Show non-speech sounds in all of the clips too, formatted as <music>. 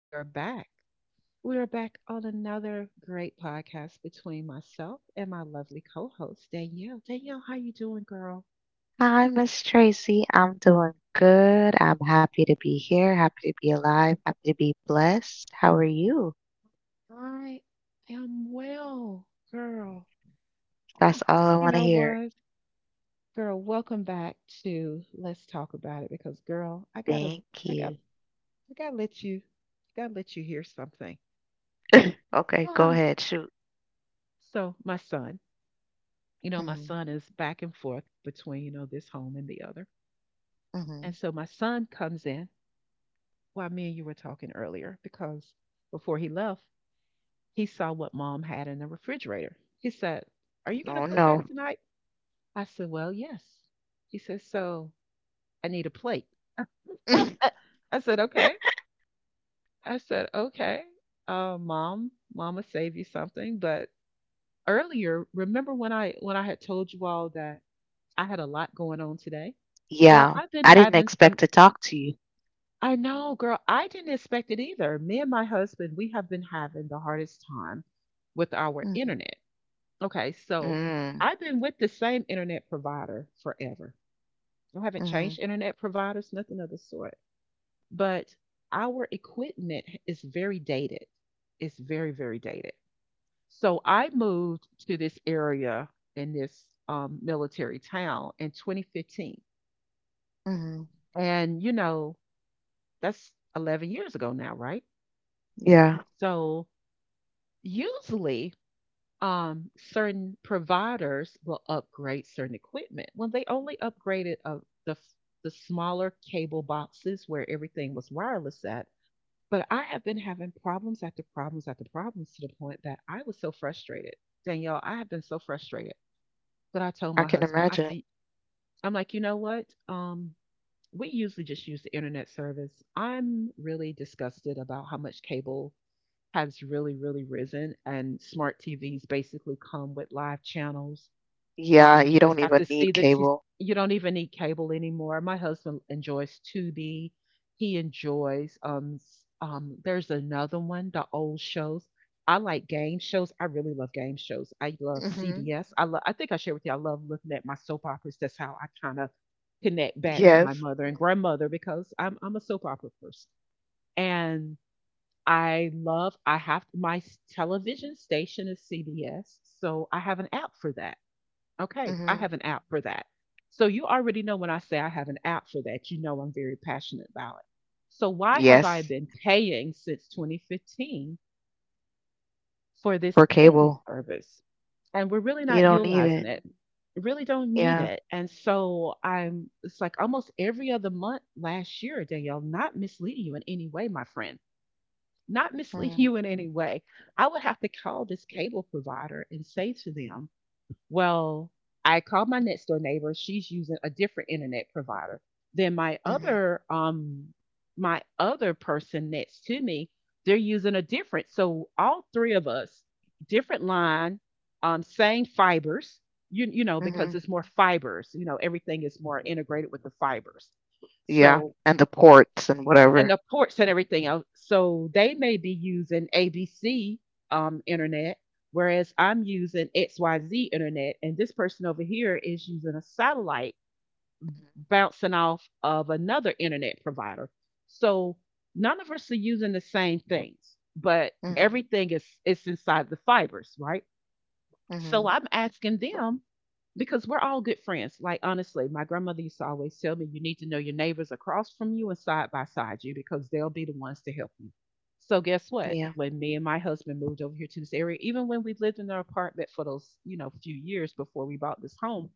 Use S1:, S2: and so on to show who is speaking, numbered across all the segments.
S1: We are back. We are back on another great podcast between myself and my lovely co-host Danielle. Danielle, how you doing, girl?
S2: Hi, Miss Tracy. I'm doing good. I'm happy to be here, happy to be alive, happy to be blessed. How are you?
S1: I am well, girl. Oh,
S2: That's all I
S1: You
S2: want to
S1: know
S2: hear.
S1: what, girl? Welcome back to Let's Talk About It because, girl,
S2: Thank
S1: I got,
S2: you.
S1: I gotta let you hear something.
S2: <clears throat> <coughs> Okay, go
S1: oh,
S2: ahead. Shoot.
S1: So my son, my
S2: Mm-hmm.
S1: son is back and forth between this home and the other.
S2: Mm-hmm.
S1: And so my son comes in while me and you were talking earlier because before he left, he saw what mom had in the refrigerator. He said, "Are you going to
S2: Oh,
S1: cook
S2: no.
S1: that tonight?" I said, "Well, yes." He said, "So I need a plate."
S2: <clears throat>
S1: <laughs> I said, "Okay." I said, "Okay. Mom, mama save you something. But earlier, remember when I had told you all that I had a lot going on today?"
S2: <coughs>
S1: Well,
S2: Yeah,
S1: I've been
S2: I didn't
S1: having some—
S2: expect to talk to you.
S1: I know, girl. I didn't expect it either. Me and my husband, we have been having the hardest time with our
S2: Mm-hmm.
S1: internet. Okay, so
S2: Mm-hmm.
S1: I've been with the same internet provider forever. I haven't changed internet providers, nothing of the sort. But our equipment is very dated. It's very, very dated. So I moved to this area in this military town in 2015.
S2: Mm-hmm.
S1: And, you know, that's 11 years ago now, right?
S2: Yeah,
S1: So usually certain providers will upgrade certain equipment. Well, they only upgraded the f- the smaller cable boxes where everything was wireless at, but I have been having problems after problems after problems, to the point that I was so frustrated. Danielle, I have been so frustrated that I told
S2: I
S1: my
S2: can
S1: husband, I
S2: imagine.
S1: said, I'm like, you know what, we usually just use the internet service. I'm really disgusted about how much cable has really, really risen, and smart TVs basically come with live channels.
S2: Yeah,
S1: You
S2: you don't
S1: just have
S2: even
S1: to
S2: need
S1: see the t-
S2: cable.
S1: You don't even need cable anymore. My husband enjoys Tubi. He enjoys there's another one, the old shows. I like game shows. I really love game shows. I love
S2: Mm-hmm.
S1: CBS. I think I shared with you I love looking at my soap operas. That's how I kind of connect back to my
S2: Yes.
S1: mother and grandmother because I'm a soap opera person. I have my television station is CBS, so I have an app for that. Okay, I
S2: Mm-hmm.
S1: have an app for that. So you already know when I say I have an app for that, you know I'm very passionate about it. So why have I
S2: Yes,
S1: been paying since 2015 for this
S2: for
S1: cable
S2: cable.
S1: service? And we're really
S2: You
S1: not
S2: don't need
S1: utilizing
S2: it.
S1: it. Really don't need
S2: Yeah.
S1: it. And so I'm— it's like almost every other month last year, Danielle, not misleading you in any way, my friend, not mislead
S2: Mm-hmm.
S1: you in any way, I would have to call this cable provider and say to them, well, I called my next door neighbor. She's using a different internet provider than my
S2: Mhm.
S1: other my other person next to me, they're using a different. So all three of us, different line, same fibers. You know because
S2: Mhm.
S1: it's more fibers. You know everything is more integrated with the fibers.
S2: Yeah,
S1: So
S2: and the ports and
S1: and
S2: whatever.
S1: the ports and everything else. So they may be using ABC internet, whereas I'm using XYZ internet, and this person over here is using a satellite bouncing off of another internet provider. So none of us are using the same things, but
S2: Mhm.
S1: everything is— it's inside the fibers, right? So
S2: Mhm.
S1: I'm asking them because we're all good friends. Like honestly, my grandmother used to always tell me you need to know your neighbors across from you and side by side you because they'll be the ones to help you. So guess what?
S2: Yeah.
S1: When me and my husband moved over here to this area, even when we lived in our apartment for those, you know, few years before we bought this home,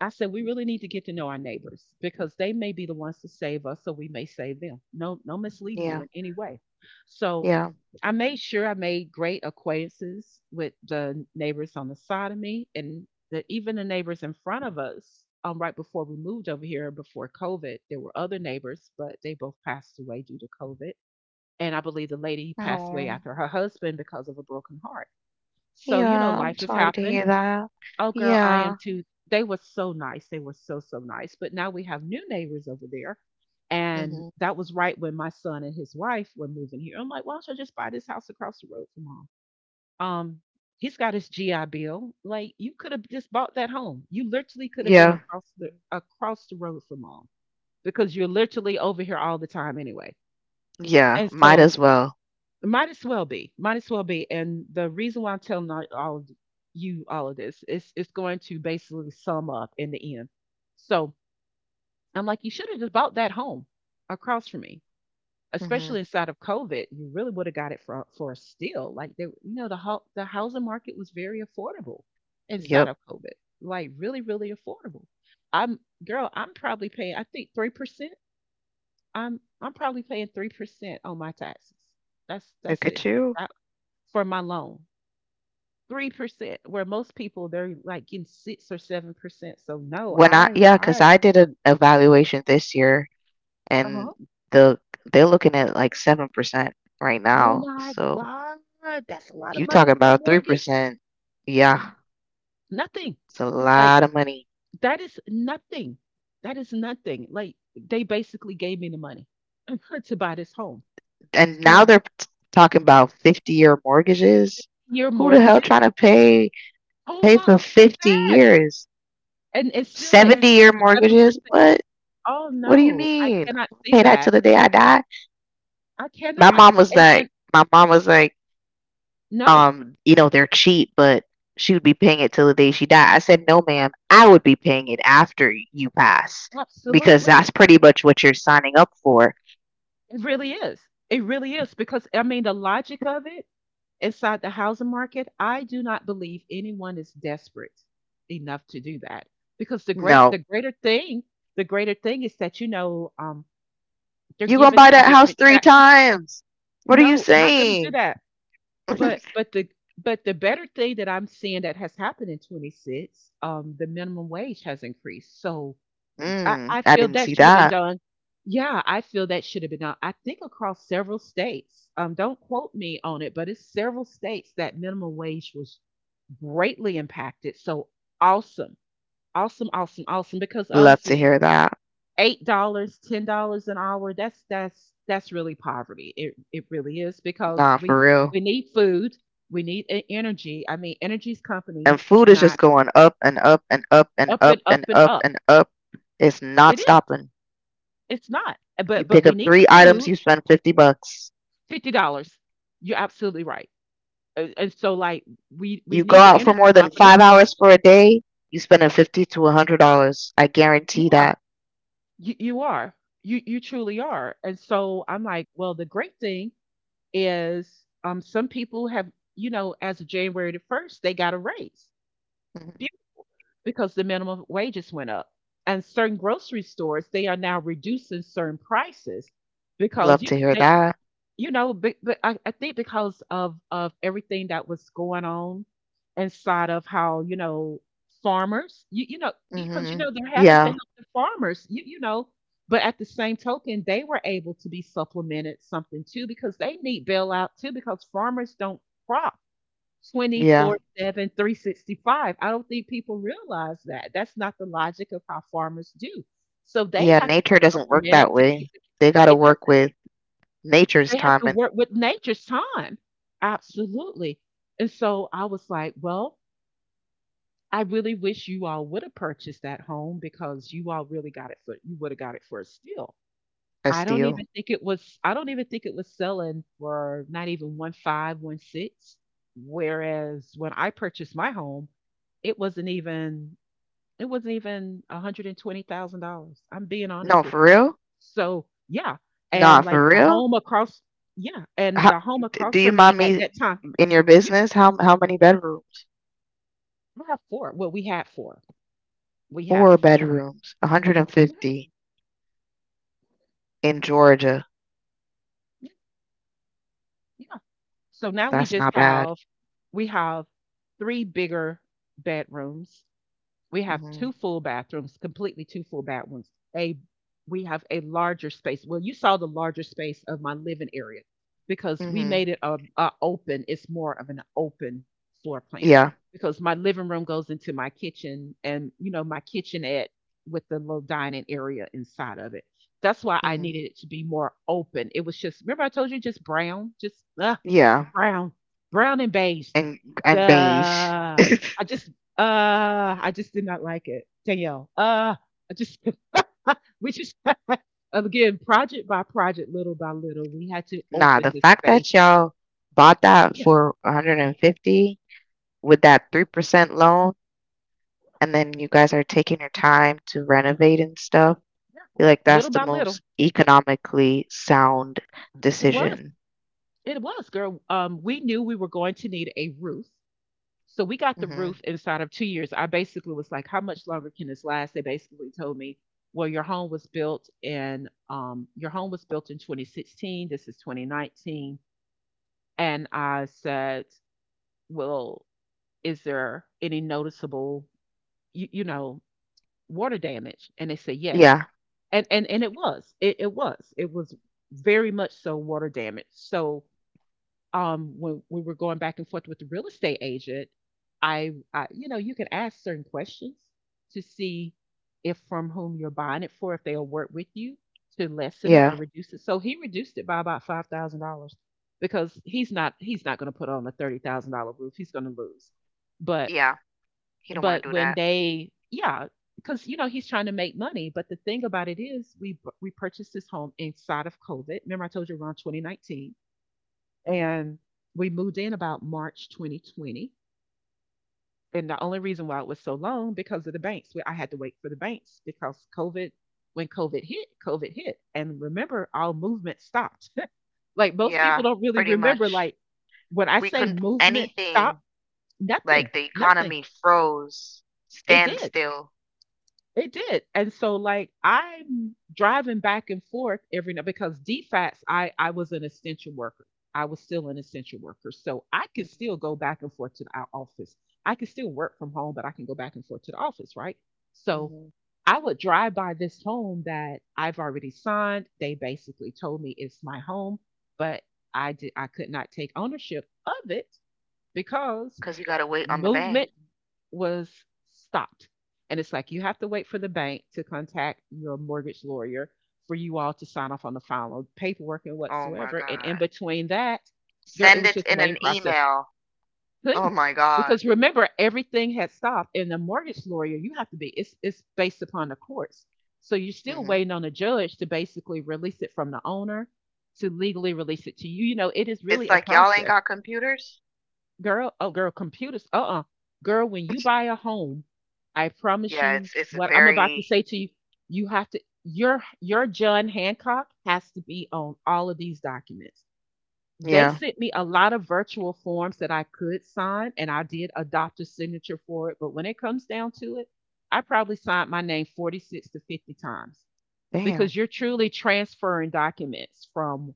S1: I said, we really need to get to know our neighbors because they may be the ones to save us, so we may save them. No, no misleading you
S2: Yeah.
S1: in any way. So
S2: Yeah.
S1: I made sure I made great acquaintances with the neighbors on the side of me and that even the neighbors in front of us. Right before we moved over here, before COVID, there were other neighbors, but they both passed away due to COVID. And I believe the lady passed away
S2: Oh.
S1: after her husband because of a broken heart. So, you know,
S2: Yeah, I'm
S1: life has
S2: sorry to hear
S1: happened.
S2: that.
S1: Oh, girl, I
S2: Yeah.
S1: am too. They were so nice. They were so, so nice. But now we have new neighbors over there. And
S2: Mhm.
S1: that was right when my son and his wife were moving here. I'm like, why don't you just buy this house across the road from mom? Um, he's got his GI Bill. Like, you could have just bought that home. You literally could have been
S2: Yeah.
S1: across the across the road from all because you're literally over here all the time anyway.
S2: Yeah,
S1: And
S2: might
S1: so.
S2: as well.
S1: Might as well be. Might as well be. And the reason why I'm telling all of you all of this is it's going to basically sum up in the end. So I'm like, you should have just bought that home across from me, especially
S2: Mhm.
S1: inside of COVID. You really would have got it for a steal. Like they, you know, the the housing market was very affordable inside
S2: Yep.
S1: of COVID. Like really, really affordable. I'm— girl. I'm probably paying— I think 3%. I'm probably paying 3% on my taxes. That's
S2: Look
S1: it
S2: at you.
S1: for my loan. 3% where most people they're like getting 6 or 7%. So no,
S2: When I
S1: I
S2: yeah, 'cause
S1: I
S2: I did an evaluation this year and
S1: Uh-huh.
S2: the they're looking at like 7% right
S1: Oh
S2: now.
S1: my
S2: So
S1: god, that's a lot of
S2: you
S1: money
S2: talking
S1: for a
S2: about
S1: mortgage.
S2: 3%. Yeah.
S1: Nothing.
S2: It's a
S1: Like
S2: lot of money.
S1: that is nothing. That is nothing. Like they basically gave me the money <laughs> to buy this home.
S2: And now
S1: So
S2: they're talking about 50-year mortgages.
S1: your
S2: Who the hell
S1: mortgages,
S2: trying to pay
S1: oh,
S2: pay
S1: wants
S2: for
S1: to pay
S2: 50
S1: that,
S2: years?
S1: and it's still at
S2: 70
S1: six
S2: year
S1: or seven
S2: mortgages?
S1: percent.
S2: What?
S1: Oh
S2: What do you
S1: no, I
S2: mean? I'm
S1: cannot
S2: gonna
S1: see
S2: pay that
S1: that.
S2: till the day I die?
S1: I
S2: My
S1: cannot.
S2: mom was like,
S1: And
S2: my mom was like,
S1: No,
S2: you know, they're cheap, but she would be paying it till the day she died. I said, no, ma'am, I would be paying it after you pass because that's
S1: absolutely.
S2: pretty much what you're signing up for.
S1: It really is. It really is because I mean the logic of it inside the housing market, I do not believe anyone is desperate enough to do that. Because
S2: No,
S1: the greater thing is that, you know, they're
S2: you gonna
S1: giving
S2: buy
S1: some
S2: that house
S1: different
S2: three
S1: taxes.
S2: times? What are you
S1: No, not going to do
S2: saying?
S1: that. But
S2: <laughs>
S1: but the but the better thing that I'm seeing that has happened in 26, the minimum wage has increased. So
S2: Mm,
S1: I
S2: I
S1: feel
S2: didn't
S1: that
S2: see
S1: should have been
S2: that.
S1: done. Yeah, I feel that should have been done. I think across several states. Don't quote me on it, but it's several states that minimum wage was greatly impacted. So awesome, awesome, awesome, awesome. Because
S2: Love to
S1: honestly,
S2: hear that.
S1: $8, $10 an hour. That's really poverty. It really is because
S2: Nah,
S1: we
S2: for real.
S1: we need food, we need energy. I mean, energy's
S2: And
S1: companies
S2: food is
S1: cannot—
S2: just going up and up and up and
S1: up and
S2: up
S1: up
S2: and
S1: and
S2: up
S1: up.
S2: and up. It's not
S1: It is.
S2: stopping.
S1: It's not. eh, But
S2: You
S1: but
S2: pick
S1: we
S2: up
S1: need the
S2: three
S1: food.
S2: items, you spend $50.
S1: $50. You're absolutely right. And so, like, we
S2: You go
S1: need the
S2: out for
S1: energy
S2: more than
S1: companies.
S2: 5 hours for a day, you spending 50 to a $100. I guarantee
S1: You are,
S2: that.
S1: you are, you you truly are. And so, I'm like, well, the great thing is, some people have, you know, as of January the first, they got a raise be-
S2: Mhm.
S1: because the minimum wages went up, and certain grocery stores they are now reducing certain prices because
S2: Love to hear that.
S1: you know, but I think because of everything that was going on inside of how you know farmers, because you
S2: Mhm.
S1: know they're having to
S2: Yeah,
S1: help the farmers, but at the same token, they were able to be supplemented something too because they need bailout too because farmers don't crop twenty
S2: yeah.
S1: four seven three sixty five I don't think people realize that. That's not the logic of how farmers do. So they
S2: Yeah,
S1: have to be
S2: nature doesn't work
S1: supplemented
S2: that
S1: to keep
S2: way.
S1: the—
S2: They gotta
S1: it
S2: work
S1: doesn't.
S2: with nature's
S1: They have
S2: time
S1: to
S2: and
S1: work with nature's time. Absolutely. And so I was like, well, I really wish you all would have purchased that home because you all really got it for— you would have got it for a steal.
S2: a
S1: I don't
S2: steel.
S1: even think it was— I don't even think it was selling for not even one five, one six. Whereas when I purchased my home, it wasn't even it wasn't even $120,000. I'm being
S2: No,
S1: honest with
S2: for
S1: you.
S2: real?
S1: So, yeah. And
S2: Not
S1: like
S2: for
S1: the
S2: real?
S1: home across, yeah. And
S2: How,
S1: the home
S2: do
S1: across
S2: you
S1: from me
S2: mind
S1: at
S2: me
S1: that time,
S2: in your
S1: yeah,
S2: business? How many bedrooms?
S1: we have four. Well, we had four. We had
S2: Four
S1: 4.
S2: bedrooms,
S1: Mhm.
S2: 150 in Georgia.
S1: Yeah, yeah. So now we
S2: That's
S1: just
S2: not bad.
S1: have, we have three bigger bedrooms. We have
S2: Mhm.
S1: two full bathrooms, completely two full bathrooms. A— we have a larger space. Well, you saw the larger space of my living area because we
S2: Mhm.
S1: made it a open. It's more of an open floor plan
S2: Yeah.
S1: because my living room goes into my kitchen and you know my kitchenette with the little dining area inside of it. That's why I
S2: Mhm.
S1: needed it to be more open. It was just remember I told you just brown, just
S2: Yeah.
S1: brown, brown and beige.
S2: And beige.
S1: Duh. I just, uh, I just did not like it. Danielle, I just, <laughs> we just, <laughs> again, project by project, little by little, we had to
S2: Nah, the
S1: open the
S2: fact that
S1: space.
S2: y'all bought that
S1: Yeah,
S2: for 150 with that 3% loan and then you guys are taking your time to renovate and stuff, I feel like that's
S1: little
S2: the
S1: by little.
S2: most economically sound
S1: It was,
S2: decision.
S1: it was, girl. We knew we were going to need a roof. So we got the
S2: Hmm.
S1: roof inside of 2 years. I basically was like, how much longer can this last? They basically told me, well, your home was built in 2016. This is 2019. And I said, well, is there any noticeable, you, you know, water damage? And they said, yes.
S2: Yeah,
S1: And it was very much so water damage. So when we were going back and forth with the real estate agent, you know, you can ask certain questions to see if from whom you're buying it for, if they'll work with you to lessen it or
S2: yeah,
S1: reduce it. So he reduced it by about $5,000 because he's not going to put on a $30,000 roof. He's going to lose. But
S2: yeah. He don't want
S1: but
S2: to do
S1: when
S2: that.
S1: they yeah, because you know he's trying to make money. But the thing about it is, we purchased this home inside of COVID. Remember, I told you around 2019,
S2: Hmm.
S1: and we moved in about March 2020. And the only reason why it was so long because of the banks. I had to wait for the banks because COVID, when COVID hit, COVID hit. And remember, all movement stopped. <laughs> Like most people
S2: Yeah,
S1: don't really
S2: pretty
S1: remember,
S2: much.
S1: like when I
S2: We
S1: say
S2: couldn't do
S1: movement
S2: anything.
S1: stopped, nothing,
S2: Like the
S1: nothing.
S2: economy froze,
S1: It did.
S2: standstill,
S1: It did. And so like I'm driving back and forth every night because DFATS, I was an essential worker. I was still an essential worker. So I could still go back and forth to the office. I could still work from home, but I can go back and forth to the office, right? So
S2: hmm,
S1: I would drive by this home that I've already signed. They basically told me it's my home, but I could not take ownership of it because
S2: because you gotta wait on the bank.
S1: movement was stopped. And it's like you have to wait for the bank to contact your mortgage lawyer for you all to sign off on the final paperwork and
S2: Oh my
S1: whatsoever. And in
S2: God.
S1: between that, girl, it
S2: Send
S1: was
S2: it
S1: just a
S2: in
S1: waiting
S2: an
S1: process.
S2: email. Oh
S1: Couldn't
S2: my God.
S1: because remember everything had stopped. And the mortgage lawyer, you have to be it's based upon the courts. So you're still
S2: Hmm.
S1: waiting on the judge to basically release it from the owner to legally release it to you. You know, it is
S2: It's
S1: really a
S2: like y'all ain't
S1: process.
S2: got computers.
S1: Girl, oh girl, computers. Uh-uh. Girl, when you buy a home, I promise
S2: Yeah,
S1: you
S2: it's
S1: what I'm about to
S2: very.
S1: say to you, you have to your John Hancock has to be on all of these documents. They
S2: Yeah.
S1: sent me a lot of virtual forms that I could sign and I did adopt a signature for it, but when it comes down to it, I probably signed my name 46 to 50 times
S2: Damn.
S1: because you're truly transferring documents from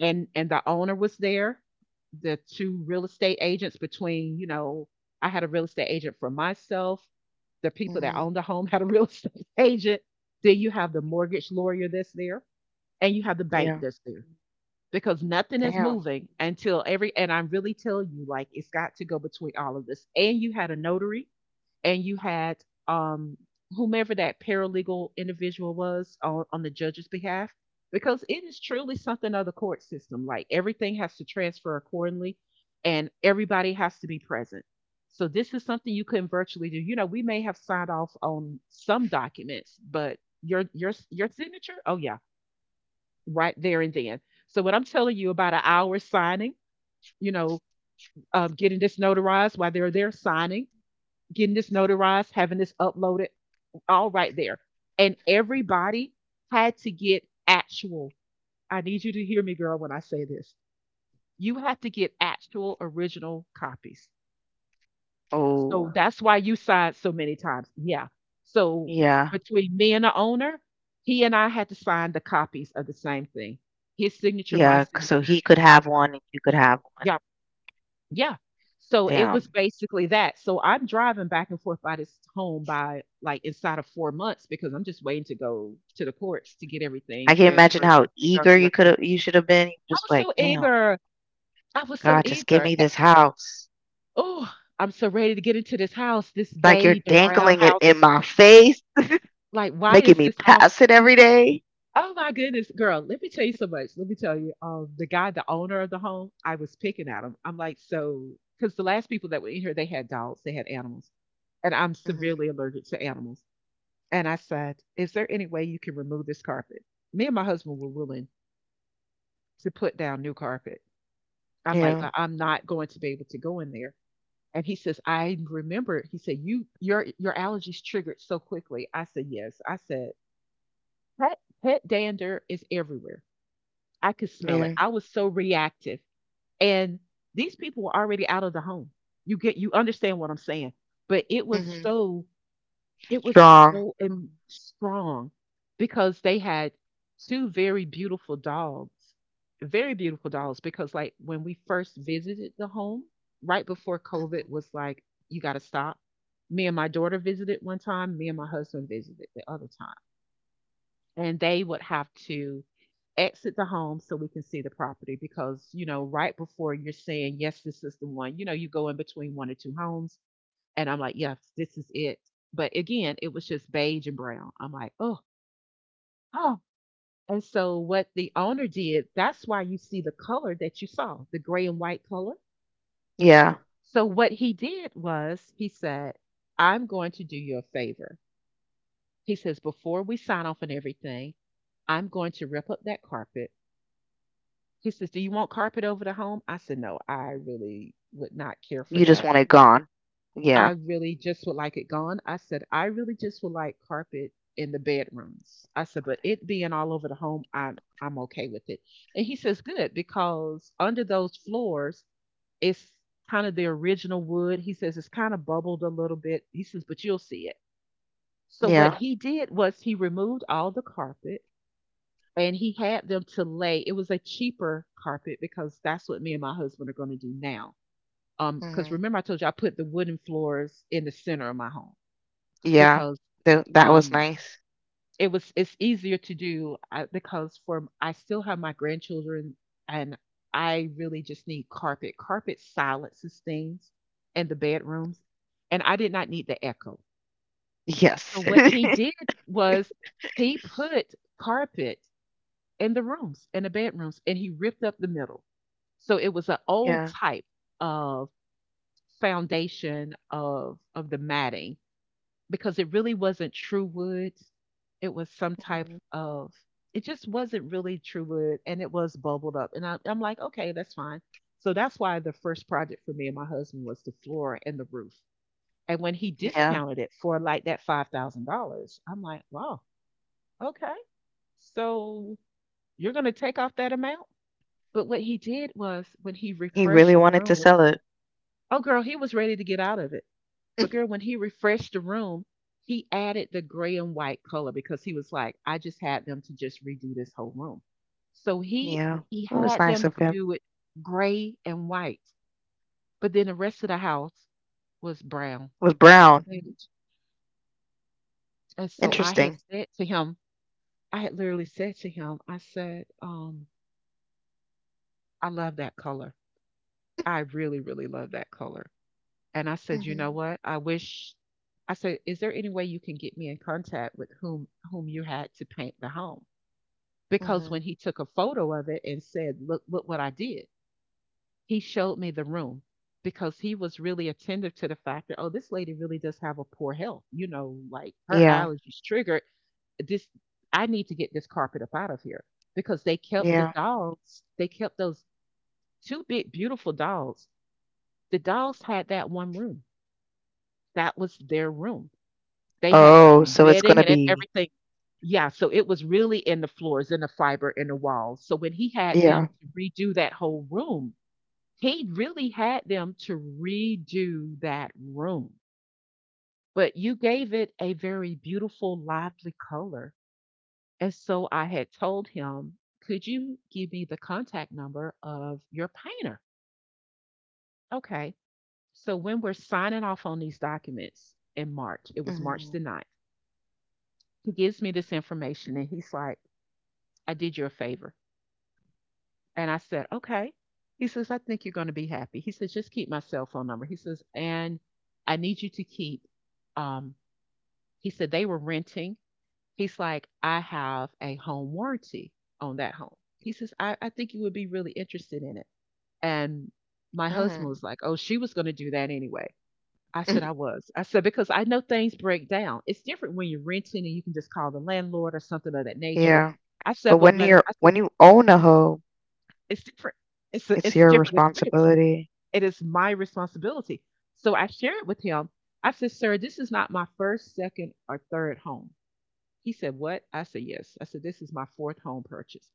S1: and the owner was there, the two real estate agents, between you know, I had a real estate agent for myself, the people that
S2: Mhm.
S1: owned the home had a <laughs> real estate agent, then you have the mortgage lawyer that's there, and you have the bank
S2: Yeah.
S1: that's there because nothing is
S2: Damn.
S1: moving until every and I really tell you like it's got to go between all of this. And you had a notary, and you had um, whomever that paralegal individual was on, the judge's behalf, because it is truly something of the court system. Like everything has to transfer accordingly, and everybody has to be present. So this is something you couldn't virtually do. You know, we may have signed off on some documents, but your signature, oh yeah, right there and then. So what I'm telling you about an hour signing, you know, getting this notarized while they're there signing, getting this notarized, having this uploaded all right there. And everybody had to get actual. I need you to hear me, girl, when I say this. You have to get actual original copies. So
S2: Oh.
S1: that's why you signed so many times. Yeah. So
S2: Yeah.
S1: between me and the owner, he and I had to sign the copies of the same thing. His signature, my
S2: Yeah. So
S1: signature.
S2: he could
S1: Sign
S2: have
S1: it up.
S2: one and you could have one.
S1: Yeah. Yeah. So it was
S2: Damn.
S1: basically that. So I'm driving back and forth by this home by like inside of 4 months because I'm just waiting to go to the courts to get everything
S2: I can imagine
S1: transferred,
S2: how
S1: everything done
S2: eager you could
S1: correctly.
S2: have you should have been.
S1: I
S2: Just
S1: was
S2: like,
S1: so
S2: damn,
S1: eager. I was so
S2: God, just give
S1: eager.
S2: me this house.
S1: Oh, I'm so ready to get into this house, this
S2: Like you're
S1: beige and brown
S2: dangling it
S1: house.
S2: in my face,
S1: Like, why
S2: making
S1: is
S2: me
S1: this house.
S2: pass it every day.
S1: Oh my goodness, girl, let me tell you so much. Let me tell you, the guy, the owner of the home, I was picking at him. I'm like, so, because the last people that were in here, they had dogs, they had animals, and I'm
S2: Mm-hmm.
S1: severely allergic to animals. And I said, is there any way you can remove this carpet? Me and my husband were willing to put down new carpet. I'm like,
S2: Yeah.
S1: but I'm not going to be able to go in there. And he says, I remember. He said, you your allergies triggered so quickly. I said, yes. I said, pet pet dander is everywhere. I could smell it.
S2: Yeah.
S1: I was so reactive. And these people were already out of the home. You understand what I'm saying. But
S2: Hmm.
S1: it was
S2: Strong.
S1: so strong because they had two very beautiful dogs. Very beautiful dogs because like when we first visited the home right before
S2: Hmm.
S1: COVID was like you got to stop. Me and my daughter visited one time, me and my husband visited the other time, and they would have to exit the home so we can see the property because you know right before you're saying yes this is the one, you know, you go in between one or two homes, and I'm like yes this is it, but again it was just beige and brown. I'm like oh, oh, and so what the owner did, that's why you see the color that you saw, the gray and white color.
S2: Yeah.
S1: So what he did was he said, I'm going to do you a favor. He says before we sign off on everything, I'm going to rip up that carpet. He says, do you want carpet over the home? I said, no, I really would not care for
S2: You just
S1: that.
S2: want it gone.
S1: I
S2: Yeah.
S1: really just would like it gone. I said, I really just would like carpet in the bedrooms. I said, but it being all over the home, I'm okay with it. And he says, good, because under those floors, it's kind of the original wood. He says it's kind of bubbled a little bit. He says, but you'll see it. So what
S2: Yeah.
S1: he did was he removed all the carpet and he had them to lay it was a cheaper carpet because that's what me and my husband are going to do now. Because
S2: Hmm.
S1: remember I told you I put the wooden floors in the center of my home
S2: Yeah.
S1: because
S2: That was
S1: um
S2: nice.
S1: it was it's easier to do because for I still have my grandchildren and I really just need carpet. Carpet silences things in the bedrooms, and I did not need the echo. So
S2: Yes.
S1: what he did
S2: <laughs>
S1: was he put carpet in the rooms, in the bedrooms, and he ripped up the middle. So it was an old
S2: Yeah.
S1: type of foundation of the matting because it really wasn't true wood. It was some type
S2: Hmm.
S1: of it just wasn't really true wood and it was bubbled up. And I'm like, okay, that's fine. So that's why the first project for me and my husband was the floor and the roof. And when he
S2: Yeah.
S1: discounted it for like that $5,000, I'm like, wow, okay. So you're gonna take off that amount? But what he did was when he
S2: He really
S1: refreshed the
S2: wanted to
S1: room,
S2: sell it.
S1: oh, girl, he was ready to get out of it. But girl,
S2: <laughs>
S1: when he refreshed the room, he added the gray and white color because he was like, I just had them to just redo this whole room. So he
S2: Yeah.
S1: he
S2: Well, it was
S1: had
S2: nice
S1: them
S2: of
S1: to
S2: him.
S1: do it gray and white, but then the rest of the house was brown
S2: It was brown.
S1: and beige. And so I had
S2: Interesting.
S1: said to him, I had literally said to him, I said, I love that color. I really, really love that color. And I said, "You know
S2: Hmm.
S1: what? I wish." I said, "Is there any way you can get me in contact with whom you had to paint the home?" Because when
S2: Hmm.
S1: he took a photo of it and said, "Look, look what I did," he showed me the room because he was really attentive to the fact that oh, this lady really does have a poor health. Like her
S2: Yeah.
S1: allergies triggered this. I need to get this carpet up out of here because they kept the
S2: Yeah.
S1: dogs. They kept those two big, beautiful dogs. The dogs had that one room. That was their room. They had their
S2: Oh,
S1: own
S2: so it's
S1: bedding
S2: gonna
S1: and e
S2: be.
S1: everything. Yeah, so it was really in the floors, in the fiber, in the walls. So when he had them
S2: Yeah.
S1: to redo that whole room, he really had them to redo that room, but you gave it a very beautiful, lively color, and so I had told him, "Could you give me the contact number of your painter?" Okay, so when we're signing off on these documents in March, it was March
S2: Hmm.
S1: the ninth. He gives me this information and he's like, I did you a favor. And I said, okay. He says, I think you're going to be happy. He says, just keep my cell phone number. He says, and I need you to keep, um, he said, they were renting. He's like, I have a home warranty on that home. He says, I think you would be really interested in it. And my husband was like, oh, she was going to do that anyway. I said, I
S2: <laughs>
S1: was. I said, because I know things break down. It's different when you're renting and you can just call the landlord or something of that nature.
S2: Yeah.
S1: I said,
S2: But
S1: but
S2: when
S1: when
S2: you're
S1: I said,
S2: when you own a home,
S1: it's different. It's a
S2: it's
S1: it's a
S2: your
S1: different expense.
S2: responsibility.
S1: It is my responsibility. So I shared with him. I said, "Sir, this is not my first, second, or third home." He said, "What?" I said, "Yes." I said, "This is my fourth home purchase."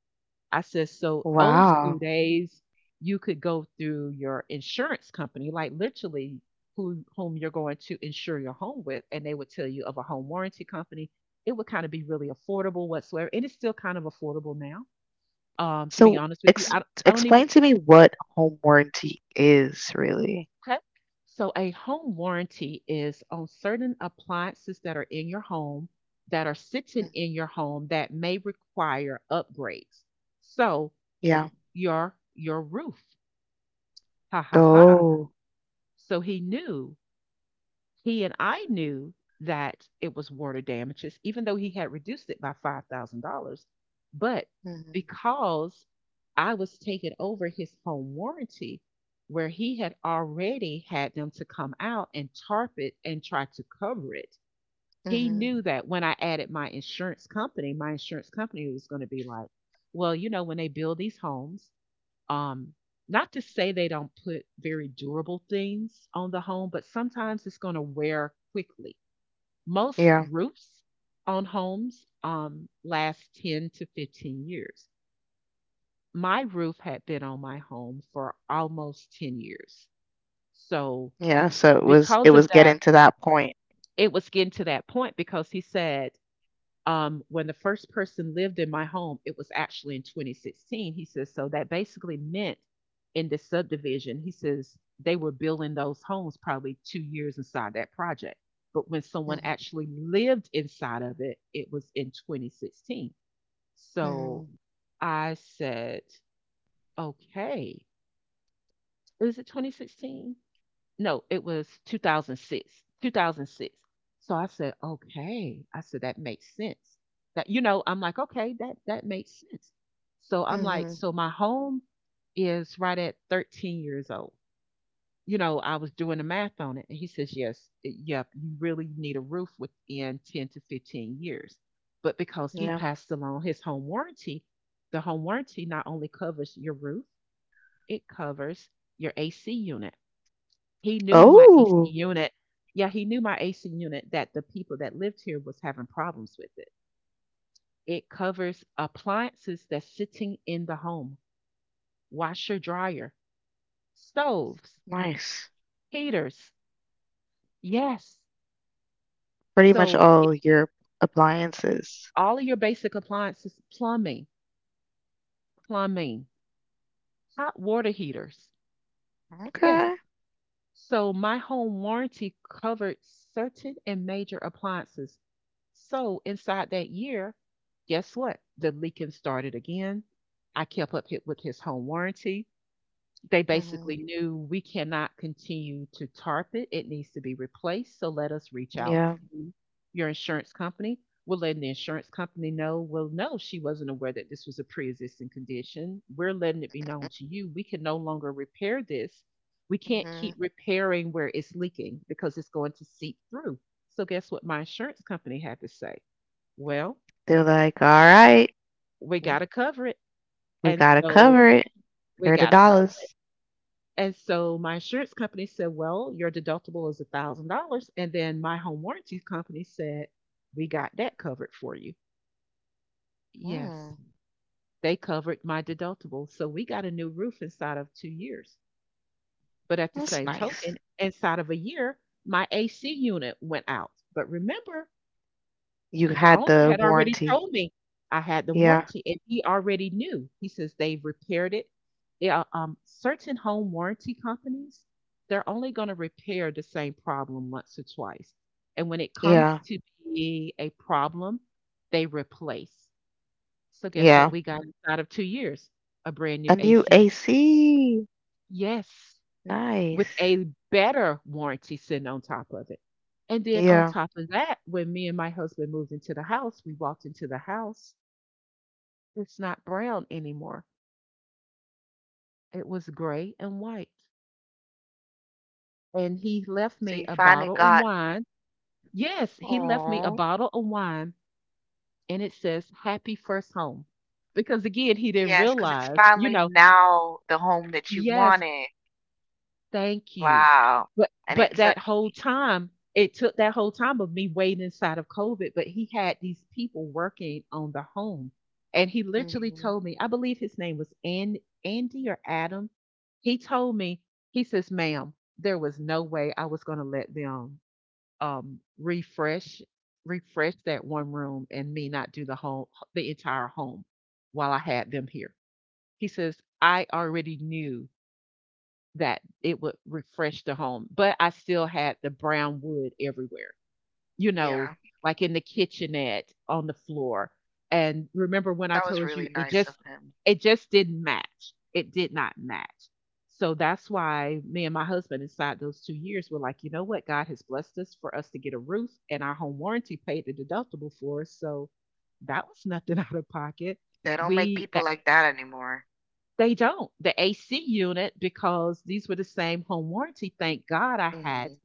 S1: I said, "So old school
S2: Wow.
S1: days, you could go through your insurance company, like literally whom you're going to insure your home with, and they would tell you of a home warranty company. It would kind of be really affordable whatsoever, and it's still kind of affordable now. To be
S2: So
S1: honest with you, I don't even—
S2: explain to me what home warranty is really.
S1: Okay. So, a home warranty is on certain appliances that are in your home that are sitting
S2: Mm.
S1: in your home that may require upgrades. So,
S2: Yeah.
S1: your roof. Ha
S2: Mm-hmm.
S1: ha ha.
S2: Oh.
S1: So he knew— he and I knew that it was water damages, even though he had reduced it by $5,000. But
S2: Hmm.
S1: because I was taking over his home warranty, where he had already had them to come out and tarp it and try to cover it, he
S2: Hmm.
S1: knew that when I added my insurance company was going to be like, well, you know, when they build these homes, um, not to say they don't put very durable things on the home, but sometimes it's going to wear quickly. Most
S2: Yeah.
S1: roofs on homes last 10 to 15 years. My roof had been on my home for almost 10 years. So,
S2: Yeah. So it
S1: because of
S2: was getting
S1: that,
S2: to that point.
S1: it was getting to that point because he said, when the first person lived in my home, it was actually in 2016. He says, so that basically meant in the subdivision, he says they were building those homes probably 2 years inside that project. But when someone
S2: Mm-hmm.
S1: actually lived inside of it, it was in 2016. So
S2: Hmm.
S1: I said, okay, is it 2016? No, it was 2006, 2006. So I said, "Okay." I said, "That makes sense." That, you know, I'm like, "Okay, that makes sense." So I'm like,
S2: Hmm.
S1: so my home is right at 13 years old. You know, I was doing the math on it, and he says, "Yes, yep, you really need a roof within 10 to 15 years." But because he
S2: Yeah.
S1: passed along his home warranty, the home warranty not only covers your roof, it covers your AC unit. He knew my AC
S2: Oh,
S1: unit. Yeah, he knew my AC unit that the people that lived here was having problems with it. It covers appliances that's sitting in the home, washer, dryer, stoves,
S2: nice.
S1: heaters. Yes.
S2: Pretty much
S1: So it-
S2: all your appliances.
S1: all of your basic appliances, plumbing, plumbing, hot water heaters. Yes.
S2: Okay.
S1: So my home warranty covered certain and major appliances. So inside that year, guess what? The leaking started again. I kept up hit with his home warranty. They
S2: Hmm.
S1: basically knew we cannot continue to tarp it. It needs to be replaced. So let us reach out
S2: Yeah.
S1: to your insurance company. We'll let the insurance company know, well, no, she wasn't aware that this was a pre existing condition. We're letting it be known to you. We can no longer repair this. We can't
S2: Hmm.
S1: keep repairing where it's leaking because it's going to seep through. So, guess what my insurance company had to say? Well,
S2: They're like, all right,
S1: we got
S2: w-
S1: to cover it.
S2: we
S1: And
S2: gotta
S1: so
S2: cover it.
S1: we
S2: Here are the
S1: got to cover—
S2: dollars.
S1: And so my insurance company said, well, your deductible is $1,000. And then my home warranty company said, we got that covered for you. Yes,
S2: Mm.
S1: they covered my deductible. So we got a new roof inside of 2 years. But at the
S2: That's
S1: same
S2: nice.
S1: token, inside of a year, my AC unit went out. But remember,
S2: You
S1: the
S2: had
S1: owner
S2: the
S1: had already
S2: warranty.
S1: told me I had the
S2: Yeah,
S1: warranty, and he already knew. He says they've repaired it. Yeah, certain home warranty companies, they're only going to repair the same problem once or twice. And when it comes
S2: yeah,
S1: to be a problem, they replace. So guess what?
S2: yeah.
S1: We got inside of 2 years a brand new
S2: A new
S1: AC.
S2: AC.
S1: Yes, with
S2: Nice.
S1: a better warranty sitting on top of it. And then on
S2: Yeah.
S1: top of that, when me and my husband moved into the house, we walked into the house— it's not brown anymore. It was gray and white. And he left
S2: So
S1: me
S2: you
S1: a
S2: finally
S1: bottle of
S2: got,
S1: wine. Yes, he left me a
S2: oh,
S1: bottle of wine and it says happy first home. Because again, he didn't
S2: yes, because it's
S1: realize, you
S2: finally
S1: know,
S2: now the home that you
S1: yes,
S2: wanted.
S1: thank you.
S2: Wow. And it
S1: But
S2: took,
S1: that whole time, it took that whole time of me waiting inside of COVID, but he had these people working on the home. And he literally
S2: hmm,
S1: told me, I believe his name was and, Andy or Adam. He told me, he says, ma'am, there was no way I was going to let them um, refresh refresh that one room and me not do the whole— the entire home while I had them here. He says, I already knew that it would refresh the home, but I still had the brown wood everywhere, you know,
S2: yeah,
S1: like in the kitchenette, on the floor. And remember when I
S2: that was
S1: told you
S2: really
S1: it
S2: nice of
S1: just—
S2: him.
S1: it just didn't match. It did not match. So that's why me and my husband inside those 2 years were like, you know what, God has blessed us for us to get a roof and our home warranty paid the deductible for us. So that was nothing <laughs> out of pocket.
S2: They don't make
S1: We
S2: people
S1: the
S2: like that anymore.
S1: They don't. The AC unit, because these were the same home warranty. Thank God I had
S2: Hmm.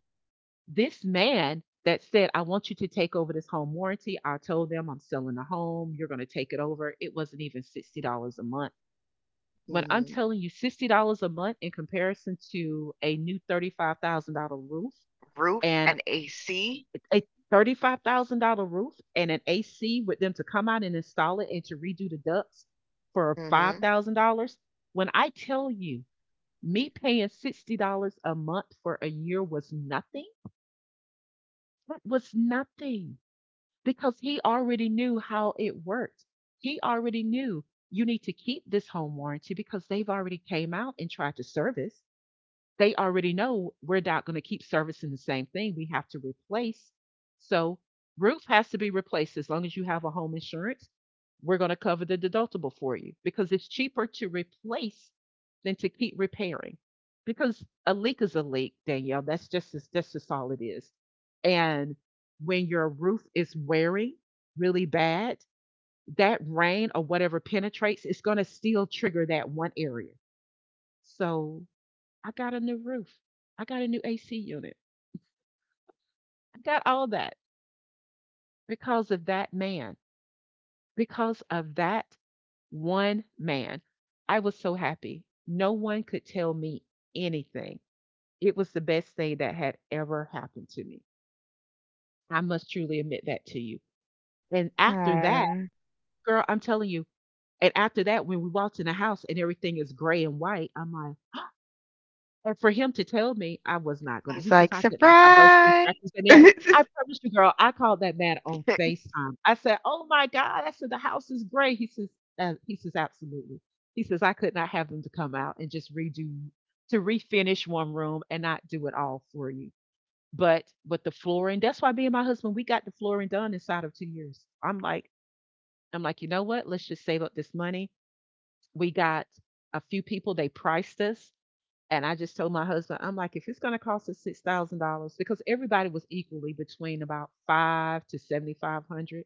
S1: this man that said, I want you to take over this home warranty. I told them I'm selling the home. You're going to take it over. It wasn't even $60 a month. When I'm
S2: Hmm.
S1: telling you $60 a month in comparison to a new $35,000 roof
S2: Roof
S1: and
S2: and AC.
S1: a— $35,000 roof and an AC with them to come out and install it and to redo the ducts for
S2: Mm.
S1: $5,000. When I tell you me paying $60 a month for a year was nothing. That was nothing because he already knew how it worked. He already knew you need to keep this home warranty because they've already came out and tried to service— they already know we're not going to keep servicing the same thing. We have to replace. So roof has to be replaced as long as you have a home insurance. We're going to cover the deductible for you because it's cheaper to replace than to keep repairing. Because a leak is a leak, Danielle. That's just all it is. And when your roof is wearing really bad, that rain or whatever penetrates, it's going to still trigger that one area. So I got a new roof. I got a new AC unit. I got all that because of that man, because of that one man. I was so happy. No one could tell me anything. It was the best thing that had ever happened to me. I must truly admit that to you. And
S2: Hmm.
S1: after that,
S2: Aww.
S1: girl, I'm telling you, and after that, when we walked in the house and everything is gray and white, I'm like, <gasps> And for him to tell me I was not gonna
S2: He's
S1: he says,
S2: like,
S1: "I could not have those
S2: surprise.
S1: contractions in there." I promise you, girl, I called that man on
S2: <laughs>
S1: FaceTime. I said, "Oh my God." I said, "The house is great." He says, absolutely. He says, I could not have them to come out and just redo, to refinish one room and not do it all for you. But the flooring, that's why me and my husband, we got the flooring done inside of 2 years. I'm like, you know what? Let's just save up this money. We got a few people, they priced us and I just told my husband, I'm like, if it's going to cost us $6,000, because everybody was equally between about 5 to 7,500.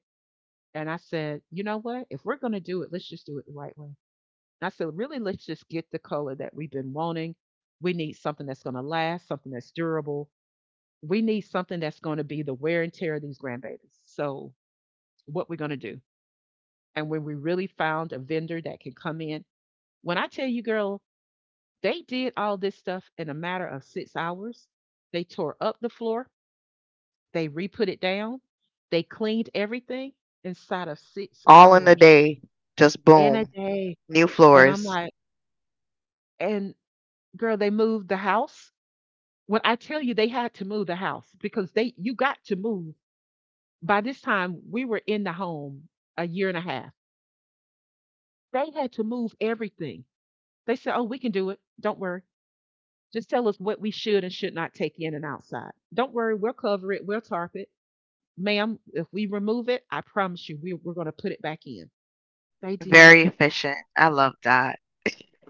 S1: And I said, you know what? If we're going to do it, let's just do it the right way. And I said, really, let's just get the color that we've been wanting. We need something that's going to last, something that's durable. We need something that's going to be the wear and tear of these grandbabies. So, what we're going to do? And when we really found a vendor that can come in, when I tell you, girl, they did all this stuff in a matter of 6 hours. They tore up the floor, they re put it down, they cleaned everything inside of six
S2: All in the
S1: hours
S2: day. Just
S1: in a
S2: boom.
S1: day.
S2: New
S1: And I'm
S2: floors.
S1: like, and girl, they moved the house. When I tell you they had to move the house because they you got to move. By this time, we were in the home a year and a half. They had to move everything. They said, Oh, we can do it. Don't worry. Just tell us what we should and should not take in and outside. Don't worry, we'll cover it, we'll tarp it. Ma'am, if we remove it, I promise you we're going to put it back in. They did.
S2: Very efficient. I love that.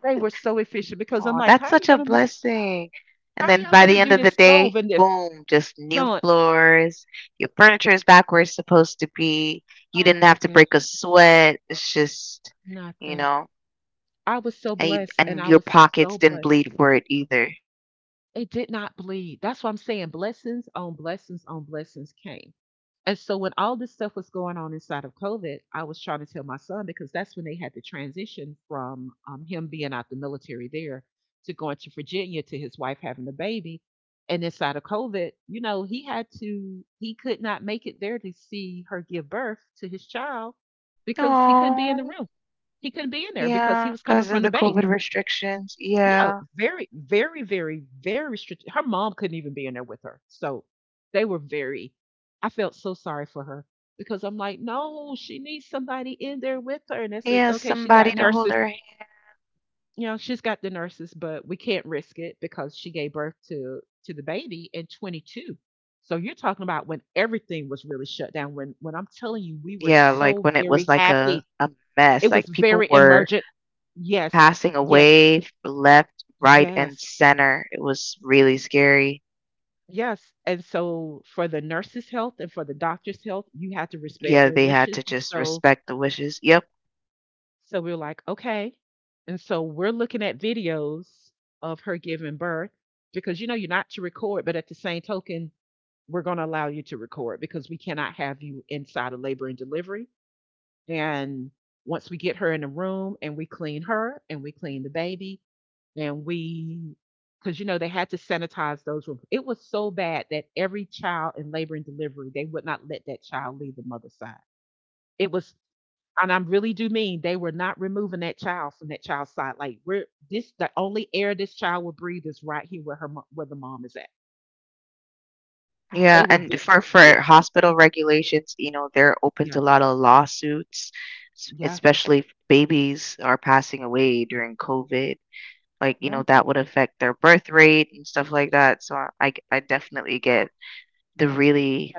S1: They were so efficient because I'm
S2: Oh,
S1: like, how
S2: that's
S1: are you
S2: such a
S1: going to,
S2: blessing.
S1: how
S2: And
S1: are
S2: then
S1: y'all
S2: by
S1: going to
S2: the end
S1: do
S2: of the
S1: this
S2: day,
S1: stove and this
S2: boom, just new
S1: stunt?
S2: floors. Your furniture is back where it's supposed to be. You
S1: Oh
S2: didn't
S1: my
S2: have to break a
S1: goodness.
S2: sweat. It's just, you
S1: Nothing.
S2: know,
S1: I was so
S2: and you,
S1: blessed and
S2: and
S1: I
S2: your
S1: was
S2: pockets
S1: so
S2: didn't
S1: blessed.
S2: bleed for it either.
S1: It did not bleed. That's what I'm saying. Blessings on blessings on blessings came. And so when all this stuff was going on inside of COVID, I was trying to tell my son because that's when they had the transition from him being out the military there to going to Virginia to his wife having a baby. And inside of COVID, you know, he could not make it there to see her give birth to his child because he couldn't be in the
S2: Oh,
S1: room. He couldn't be in there because he
S2: yeah,
S1: was coming
S2: because of
S1: from
S2: the
S1: the base.
S2: COVID restrictions.
S1: Yeah,
S2: Yeah.
S1: very, very, very, very strict. Her mom couldn't even be in there with her. So they were very, I felt so sorry for her because I'm like, no, she needs somebody in there with her. And I said,
S2: Yeah,
S1: okay, she
S2: somebody
S1: got
S2: to hold
S1: nurses.
S2: her hand.
S1: You know, she's got the nurses, but we can't risk it because she gave birth to the baby in 22. So you're talking about when everything was really shut down. When I'm telling you, we were
S2: Yeah, like
S1: so
S2: when it was
S1: very
S2: like
S1: happy.
S2: a
S1: It
S2: mess, like
S1: was
S2: people
S1: very
S2: were
S1: emergent. Yes,
S2: passing
S1: yes,
S2: away left, right, and
S1: yes.
S2: center. It was really scary.
S1: Yes, and so for the nurse's health and for the doctor's health, you have to respect
S2: Yeah,
S1: their
S2: they had
S1: wishes.
S2: to just
S1: So
S2: respect the wishes. Yep.
S1: so we're like, "Okay." And so we're looking at videos of her giving birth because you know you're not to record, but at the same token, we're going to allow you to record because we cannot have you inside of labor and delivery. And once we get her in the room and we clean her and we clean the baby and we, because you know, they had to sanitize those rooms. It was so bad that every child in labor and delivery, they would not let that child leave the mother's side. It was, and I really do mean they were not removing that child from that child's side. Like, we're this, the only air this child will breathe is right here where where the mom is at. They
S2: Yeah,
S1: were very
S2: and for hospital regulations, you know, they're open
S1: Yeah,
S2: to a lot of lawsuits,
S1: yeah,
S2: especially if babies are passing away during COVID. Like, you
S1: yeah.
S2: know, that would affect their birth rate and stuff like that. So I definitely get the really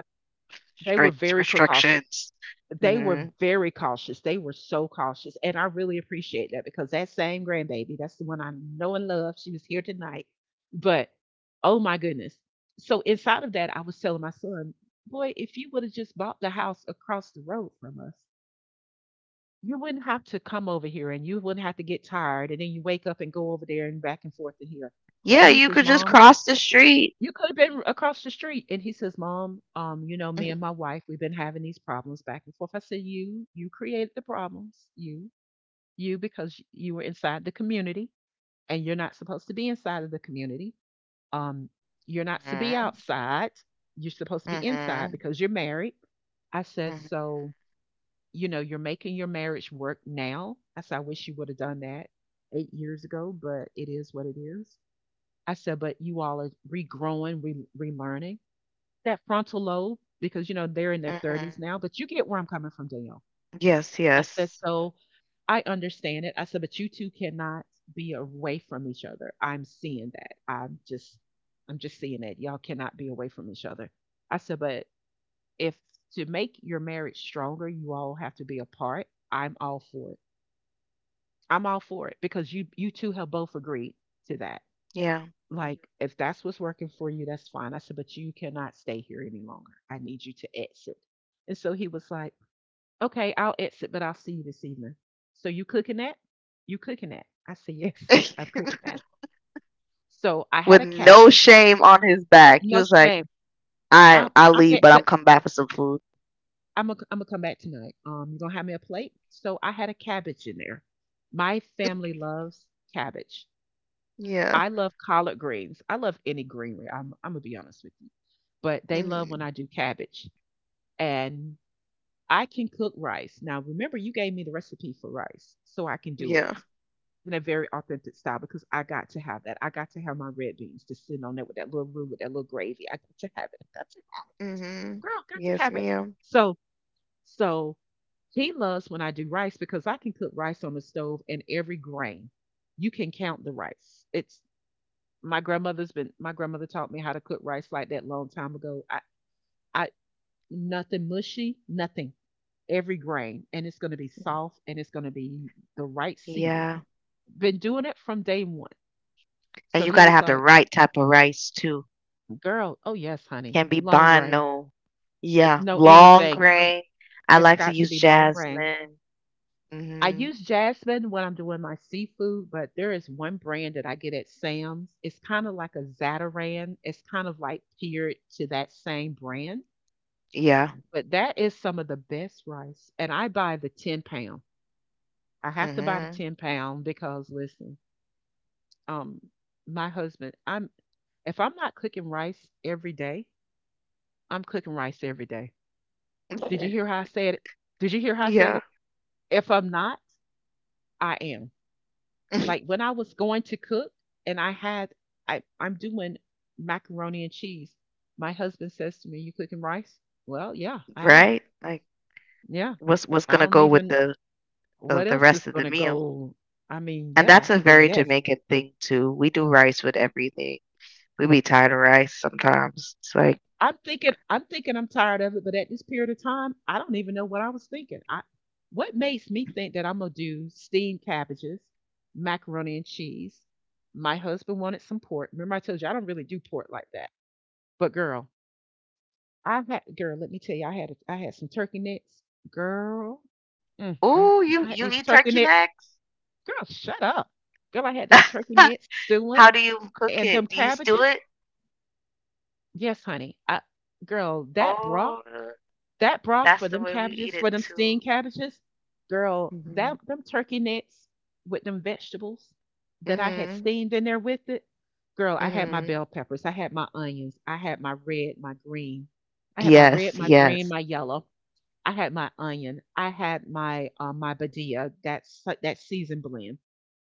S1: They were
S2: strict
S1: very precautious.
S2: restrictions.
S1: They were
S2: Hmm.
S1: very cautious. They were so cautious, and I really appreciate that because that same grandbaby, that's the one I know and love. She was here tonight, but oh my goodness. So inside of that, I was telling my son, boy, if you would have just bought the house across the road from us, you wouldn't have to come over here, and you wouldn't have to get tired, and then you wake up and go over there and back and forth to here.
S2: Yeah,
S1: And he
S2: you
S1: says,
S2: could just
S1: Mom,
S2: cross the street.
S1: you could have been across the street. And he says, Mom, you know, me and my wife, we've been having these problems back and forth. I said, you created the problems. Because you were inside the community and you're not supposed to be inside of the community. Um, you're not to be
S2: <laughs>
S1: outside. You're supposed to be inside
S2: Mhm.
S1: because you're married. I said,
S2: Mhm.
S1: so, you know, you're making your marriage work now. I said, I wish you would have done that 8 years ago, but it is what it is. I said, but you all are regrowing, relearning. That frontal lobe, because, you know, they're in their
S2: Mhm.
S1: 30s now, but you get where I'm coming from, Danielle.
S2: Yes,
S1: I said,
S2: yes.
S1: so I understand it. I said, but you two cannot be away from each other. I'm seeing that. I'm just seeing that. Y'all cannot be away from each other. I said, but if to make your marriage stronger, you all have to be apart. I'm all for it. I'm all for it because you two have both agreed to that.
S2: Yeah.
S1: Like, if that's what's working for you, that's fine. I said, but you cannot stay here any longer. I need you to exit. And so he was like, okay, I'll exit, but I'll see you this evening. So you cooking that? You cooking that? I said, yes, <laughs> I'm cooking that.
S2: <laughs>
S1: So I had
S2: With
S1: a
S2: no
S1: cabbage.
S2: shame on his back. He
S1: No
S2: was like,
S1: shame. I'm
S2: I
S1: I'm
S2: leave, but I'm
S1: exit.
S2: coming back for some food.
S1: I'm gonna come back tonight. You gonna have me a plate? So I had a cabbage in there. My family loves cabbage.
S2: Yeah.
S1: I love collard greens. I love any greenery. I'm gonna be honest with you. But they love when
S2: Mhm.
S1: I do cabbage. And I can cook rice. Now remember you gave me the recipe for rice, so I can do
S2: Yeah.
S1: it in a very authentic style because I got to have that. I got to have my red beans just sitting on there with that little roux, with that little gravy. I got to have it.
S2: Mhm.
S1: Girl, got to
S2: Yes,
S1: have it.
S2: ma'am.
S1: So so he loves when I do rice because I can cook rice on the stove and every grain. You can count the rice. It's My grandmother's been my grandmother taught me how to cook rice like that long time ago. I nothing mushy, nothing. Every grain. And it's gonna be soft and it's gonna be the right season.
S2: Yeah.
S1: Been doing it from day one.
S2: And
S1: So
S2: you
S1: he
S2: gotta
S1: was
S2: have the
S1: like,
S2: right type of rice too.
S1: girl, oh yes, honey.
S2: Can't be
S1: Long
S2: buying
S1: grain.
S2: no,
S1: Like
S2: yeah,
S1: no
S2: long
S1: anything. No
S2: grain. I
S1: it's
S2: like to
S1: got to
S2: use
S1: be long grain.
S2: jasmine.
S1: I
S2: Mhm.
S1: use jasmine when I'm doing my seafood, but there is one brand that I get at Sam's. It's kind of like a Zataran. It's kind of like tiered to that same brand.
S2: Yeah.
S1: But that is some of the best rice, and I buy the 10 pound. I have to buy the
S2: Mhm.
S1: 10 pound because listen, um, my husband, I'm if I'm not cooking rice every day, I'm cooking rice every day. Did you hear
S2: <laughs>
S1: how I said it? Did you hear how I said
S2: Yeah.
S1: it? If I'm not, I am. Like
S2: <laughs>
S1: when I was going to cook and I had I I'm doing macaroni and cheese. My husband says to me, "You cooking rice?" Well, yeah, I am.
S2: Right? Like
S1: Yeah.
S2: what's
S1: I
S2: gonna
S1: don't
S2: go with
S1: even
S2: the
S1: What
S2: the
S1: else
S2: rest
S1: is
S2: of the
S1: gonna
S2: meal.
S1: go? I mean,
S2: And
S1: yeah.
S2: that's a
S1: So
S2: very
S1: yes,
S2: Jamaican thing too. We do rice with everything. We be tired of rice sometimes. It's like,
S1: I'm thinking. I'm tired of it. But at this period of time, I don't even know what I was thinking. I what makes me think that I'm gonna do steamed cabbages, macaroni and cheese. My husband wanted some pork. Remember, I told you I don't really do pork like that. But girl, I had girl. Let me tell you, I had I had some turkey necks. Girl, mm, mm, mm,
S2: oh, you
S1: I had
S2: you
S1: these
S2: eat
S1: turkey
S2: turkey
S1: necks.
S2: necks?
S1: Girl, shut up. Girl, I had them
S2: <laughs>
S1: turkey necks stewing
S2: How do you cook
S1: and them
S2: it? Do you stew
S1: cabbages.
S2: it?
S1: Yes, honey. Girl,
S2: Oh,
S1: that broth for
S2: that's the
S1: them
S2: way we eat
S1: cabbages,
S2: it
S1: for them
S2: too.
S1: steamed cabbages, girl, that
S2: Mhm.
S1: them turkey necks with them vegetables that I had
S2: Mhm.
S1: steamed in there with it. Girl, I had my
S2: Mhm.
S1: bell peppers, I had my onions, I had my red, my green, I had my red,
S2: Yes.
S1: my green,
S2: Yes.
S1: my yellow. I had my onion. I had my my badilla, that seasoned blend.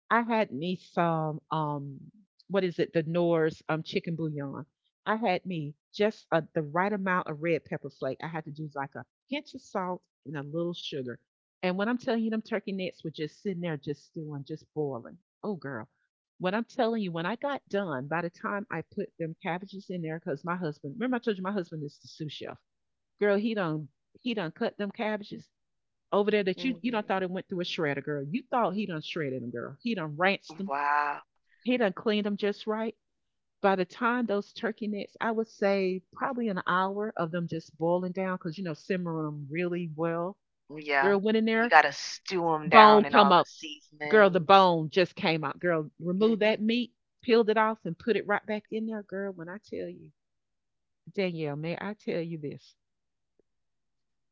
S1: I had me some what is it? The Knorr's chicken bouillon. I had me just a, The right amount of red pepper flake. I had to do like a pinch of salt and a little sugar. And when I'm telling you, them turkey necks were just sitting there, just stewing, just boiling. Oh, girl. When I'm telling you, when I got done, by the time I put them cabbages in there, because my husband, remember I told you my husband is the sous chef. Girl, he done cut them cabbages over there that you done
S2: Mhm.
S1: thought it went through a shredder, girl. You thought he done shredded them, girl. He done rinsed them.
S2: Wow.
S1: He done cleaned them just right. By the time those turkey necks, I would say probably an hour of them just boiling down because you know simmer them really well.
S2: Yeah.
S1: Girl went in
S2: You
S1: there,
S2: gotta stew them down
S1: bone
S2: in
S1: come
S2: all the
S1: up. Girl, the
S2: seasonings.
S1: bone just came out. Girl, remove
S2: Mhm.
S1: that meat, peeled it off, and put it right back in there, girl. When I tell you, Danielle, may I tell you this?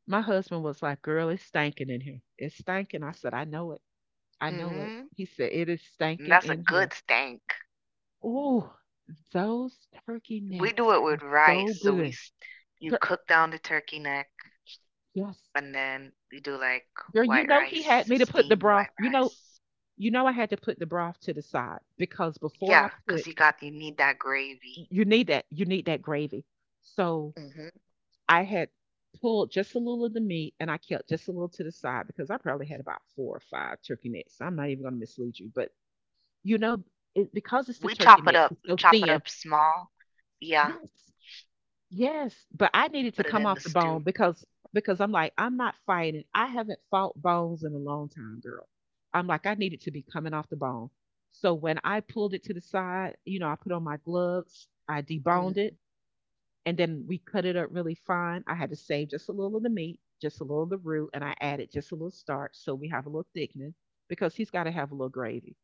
S1: My husband was like, "Girl, it's stinking in here. It's stinking." I said, "I know it." I know it.
S2: Mhm.
S1: He said, it is
S2: And
S1: stinking
S2: that's a
S1: in
S2: good
S1: here.
S2: stank.
S1: Oh, those turkey
S2: We do
S1: necks
S2: it
S1: were
S2: with rice.
S1: so
S2: So we
S1: good.
S2: s- you
S1: Girl,
S2: cook down the turkey neck
S1: yes.
S2: and then you do like
S1: Girl, you
S2: white
S1: know he had
S2: rice,
S1: me to put the
S2: steamed white
S1: broth,
S2: rice.
S1: you know I had to put the broth to the side because before I
S2: Yeah, cause you
S1: put
S2: got you need that gravy.
S1: you need that, you need that gravy. So
S2: Mhm.
S1: I had pulled just a little of the meat and I kept just a little to the side because I probably had about four or five turkey necks. I'm not even gonna mislead you, but you know, because it's the
S2: We
S1: turkey necks, it's so
S2: chop it
S1: thin.
S2: up small. Yeah,
S1: Yes. Yes, but I needed
S2: put
S1: to
S2: it
S1: come
S2: in the
S1: off the
S2: stew.
S1: bone because I'm like, I'm not fighting. I haven't fought bones in a long time, girl. I'm like, I needed to be coming off the bone. So when I pulled it to the side, you know, I put on my gloves, I deboned
S2: Mhm.
S1: it, and then we cut it up really fine. I had to save just a little of the meat, just a little of the root, and I added just a little starch so we have a little thickening because he's got to have a little gravy.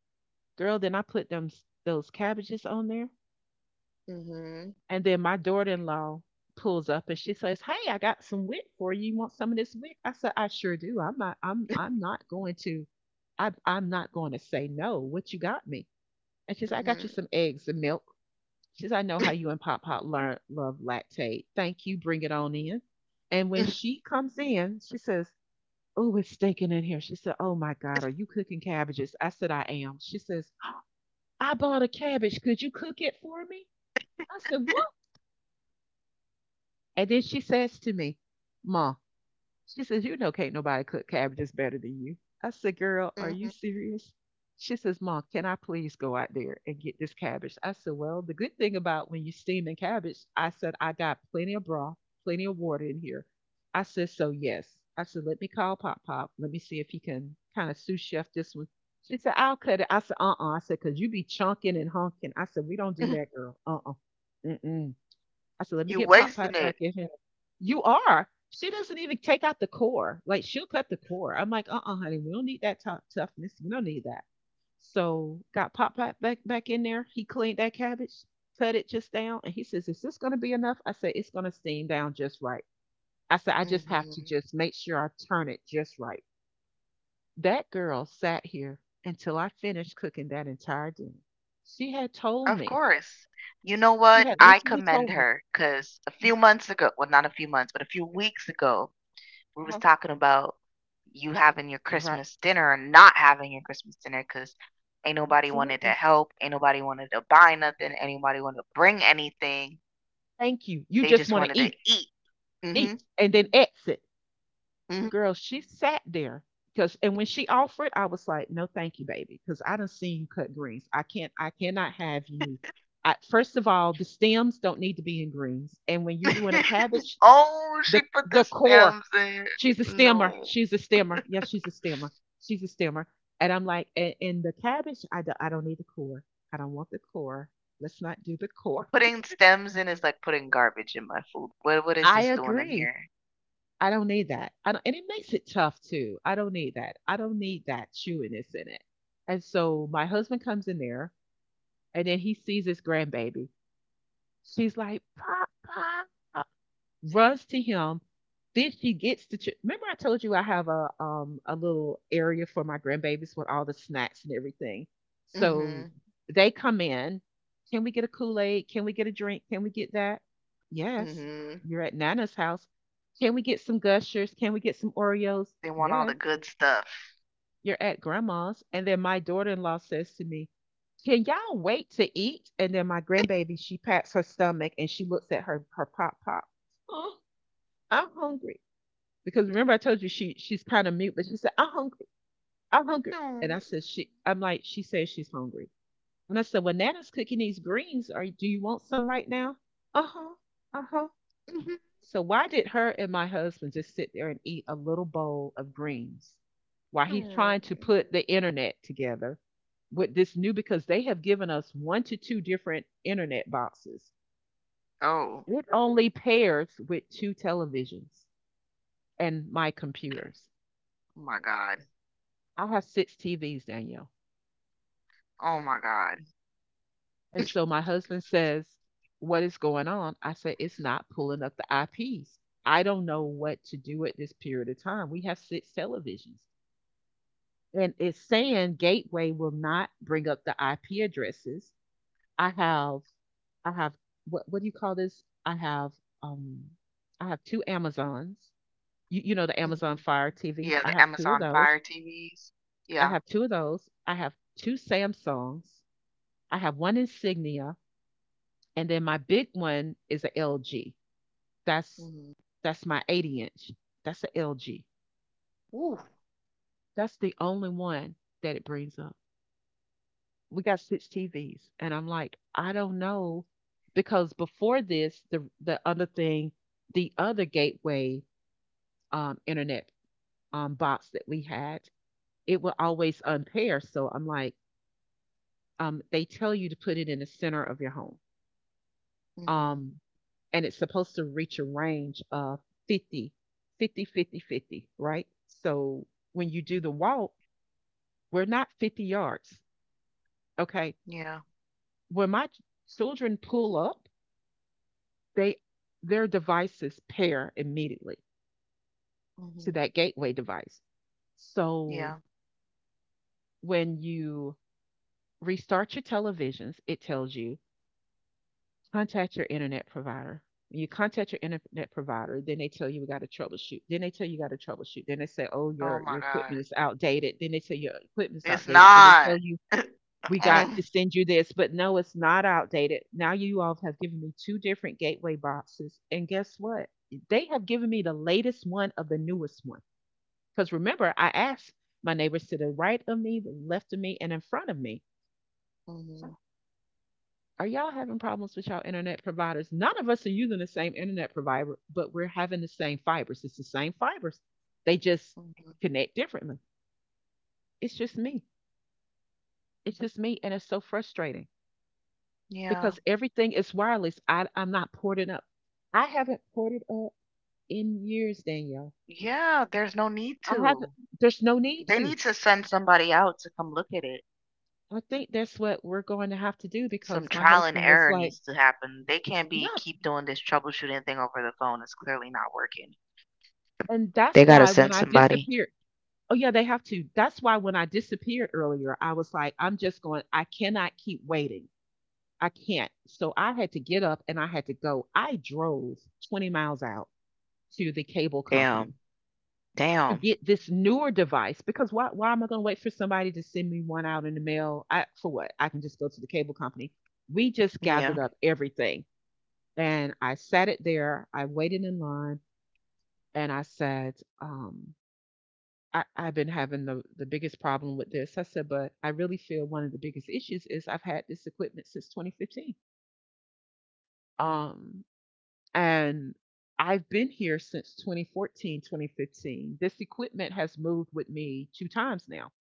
S1: Girl, then I put those cabbages on there.
S2: Mhm.
S1: And then my daughter-in-law pulls up and she says, "Hey, I got some wick for you. You want some of this wick?" I said, "I sure do. I'm not going to. I'm not going to say no. What you got me?" And she says, "I got you
S2: Mhm.
S1: some eggs and milk." She says, "I know how you and Pop Pop learn love lactate. Thank you. Bring it on in." And when
S2: <laughs>
S1: she comes in, she says, "Oh, it's stinking in here." She said, "Oh my God, are you cooking cabbages?" I said, "I am." She says, "I bought a cabbage. Could you cook it for me?" I said, "What?" And then she says to me, "Ma," she says, "you know, can't nobody cook cabbages better than you." I said, "Girl, are you
S2: Mhm.
S1: serious?" She says, "Ma, can I please go out there and get this cabbage?" I said, "Well, the good thing about when you steaming cabbage," I said, "I got plenty of broth, plenty of water in here." I said, "So, yes." I said, "Let me call Pop Pop. Let me see if he can kind of sous chef this one." She said, "I'll cut it." I said, "Uh uh," I said, "because you be chunking and honking." I said, "We don't do that,
S2: <laughs>
S1: girl. Uh-uh. Mm mm. I said, let me
S2: You
S1: get Pop Pop
S2: wasting it.
S1: back in here. You are. She doesn't even take out the core. Like she'll cut the core. I'm like, honey, we don't need toughness. We don't need that. So got Pop Pop back in there. He cleaned that cabbage, cut it just down, and he says, "Is this gonna be enough?" I said, "It's gonna steam down just right." I said, "I just have to
S2: Mhm.
S1: just make sure I turn it just right." That girl sat here until I finished cooking that entire dinner. She had told
S2: Of
S1: me.
S2: course. You know
S1: She
S2: what?
S1: had
S2: I
S1: literally
S2: commend
S1: told me.
S2: her, cause a few months ago, well, not a few months, but a few weeks ago, we was
S1: Uh-huh.
S2: talking about you having your
S1: You're right.
S2: Christmas dinner or not having your Christmas dinner because ain't nobody wanted to
S1: Absolutely.
S2: help, ain't nobody wanted to buy nothing, ain't nobody wanted to bring anything.
S1: Thank you. You
S2: They
S1: just
S2: just
S1: want to
S2: wanted to
S1: eat,
S2: eat. Hmm.
S1: eat, and then exit.
S2: Hmm.
S1: Girl, she sat there because, and when she offered, I was like, no, thank you, baby, because I done seen you cut greens. I cannot have you. I, first of all, the stems don't need to be in greens, and when you're doing a
S2: <laughs>
S1: cabbage,
S2: Oh,
S1: the
S2: she put
S1: the
S2: the
S1: core.
S2: stems in.
S1: She's a stemmer.
S2: No,
S1: She's a stemmer. Yes, she's a stemmer. She's a stemmer. And I'm like, and the cabbage, I don't need the core. I don't want the core. Let's not do the core.
S2: putting stems in is like putting garbage in my food. What is
S1: I
S2: this doing in
S1: agree.
S2: here?
S1: I don't need that. I don't, and it makes it tough too. I don't need that. I don't need that chewiness in it. And so my husband comes in there and then he sees his grandbaby. She's like, Papa runs to him. Then she gets to. Ch- Remember, I told you I have a little area for my grandbabies with all the snacks and everything. So
S2: Hmm.
S1: they come in. Can we get a Kool Aid? Can we get a drink? Can we get that? Yes.
S2: Hmm.
S1: You're at Nana's house. Can we get some gushers? Can we get some Oreos?
S2: They want all the
S1: Yes.
S2: good stuff.
S1: You're at grandma's. And then my daughter in law says to me, "Can y'all wait to eat?" And then my grandbaby, she pats her stomach and she looks at her pop pop. I'm hungry. Because remember I told you she's kind of mute, but she said, "I'm hungry. I'm hungry." And I
S2: Mm,
S1: said, She I'm like, she says she's hungry. And I said, "Well, Nana's cooking these greens. Are Do you want some right now?" Uh-huh. Uh-huh.
S2: mhm,
S1: So why did her and my husband just sit there and eat a little bowl of greens while he's trying to
S2: mm.
S1: put the internet together with this new because they have given us one to two different internet boxes.
S2: Oh
S1: It only pairs with two televisions and my computers.
S2: my God.
S1: I'll have 6 TVs, Danielle.
S2: Oh my God.
S1: And so my husband says, "What is going on?" I said, "It's not pulling up the IPs. I don't know what to do at this period of time. We have six televisions." And it's saying gateway will not bring up the IP addresses. I have I have What do you call this? Um I have two Amazons. You know the Amazon
S2: Hmm.
S1: Fire TVs.
S2: Yeah,
S1: I
S2: the
S1: have two of
S2: Amazon
S1: those.
S2: Fire TVs.
S1: I
S2: Yeah.
S1: have two of those. I have two Samsungs. I have one Insignia. And then my big one is a LG. That's
S2: Hmm.
S1: that's my 80 inch. That's a LG.
S2: Ooh.
S1: That's the only one that it brings up. We got six TVs, and I'm like, I don't know, because before this, the other thing, the other gateway internet box that we had, it would always unpair. So I'm like, they tell you to put it in the center of your home.
S2: Hmm.
S1: Um, and it's supposed to reach a range of 50, 50, 50, 50, right? So when you do the walk, we're not 50 yards. Okay.
S2: Yeah.
S1: When children pull up, they their devices pair immediately to
S2: Hmm.
S1: that gateway device. So
S2: Yeah.
S1: when you restart your televisions, it tells you contact your internet provider. You contact your internet provider, then they tell you we got to troubleshoot. Then they tell you got to troubleshoot. Then they say, oh,
S2: Oh my
S1: your
S2: God.
S1: equipment is outdated. Then they say your equipment's
S2: It's
S1: outdated. Then they
S2: not.
S1: tell you we
S2: <laughs>
S1: got to
S2: Mm.
S1: send you this, but no, it's not outdated. Now you all have given me two different gateway boxes, and guess what? They have given me the latest one of the newest one. Because remember, I asked my neighbors to the right of me, the left of me, and in front of me.
S2: Mhm,
S1: So are y'all having problems with y'all internet providers? None of us are using the same internet provider, but we're having the same fibers. It's the same fibers. They just
S2: mhm.
S1: connect differently. It's just me. It's just me. And it's so frustrating
S2: Yeah.
S1: because everything is wireless. I'm not ported up. I haven't ported up in years, Danielle.
S2: Yeah, there's no need
S1: I haven't,
S2: to.
S1: there's no need
S2: They
S1: to.
S2: need to send somebody out to come look at it.
S1: I think that's what we're going to have to do
S2: Some
S1: because my
S2: trial and
S1: husband was
S2: error
S1: like,
S2: needs to happen. They can't be
S1: yeah.
S2: keep doing this troubleshooting thing over the phone. It's clearly not working.
S1: And
S2: They
S1: that's
S2: gotta
S1: why when
S2: send
S1: I
S2: somebody.
S1: disappeared, oh yeah, they have to. That's why when I disappeared earlier, I was like, I'm just going, I cannot keep waiting. I can't. So I had to get up and I had to go. I drove 20 miles out to the cable company
S2: Damn.
S1: to
S2: Damn.
S1: get this newer device because why am I going to wait for somebody to send me one out in the mail? I for what? I can just go to the cable company. We just
S2: Yeah.
S1: gathered up everything and I sat it there. I waited in line and I said, um, I've been having the biggest problem with this. I said, but I really feel one of the biggest issues is I've had this equipment since 2015. Um, and I've been here since 2014, 2015. This equipment has moved with me two times now.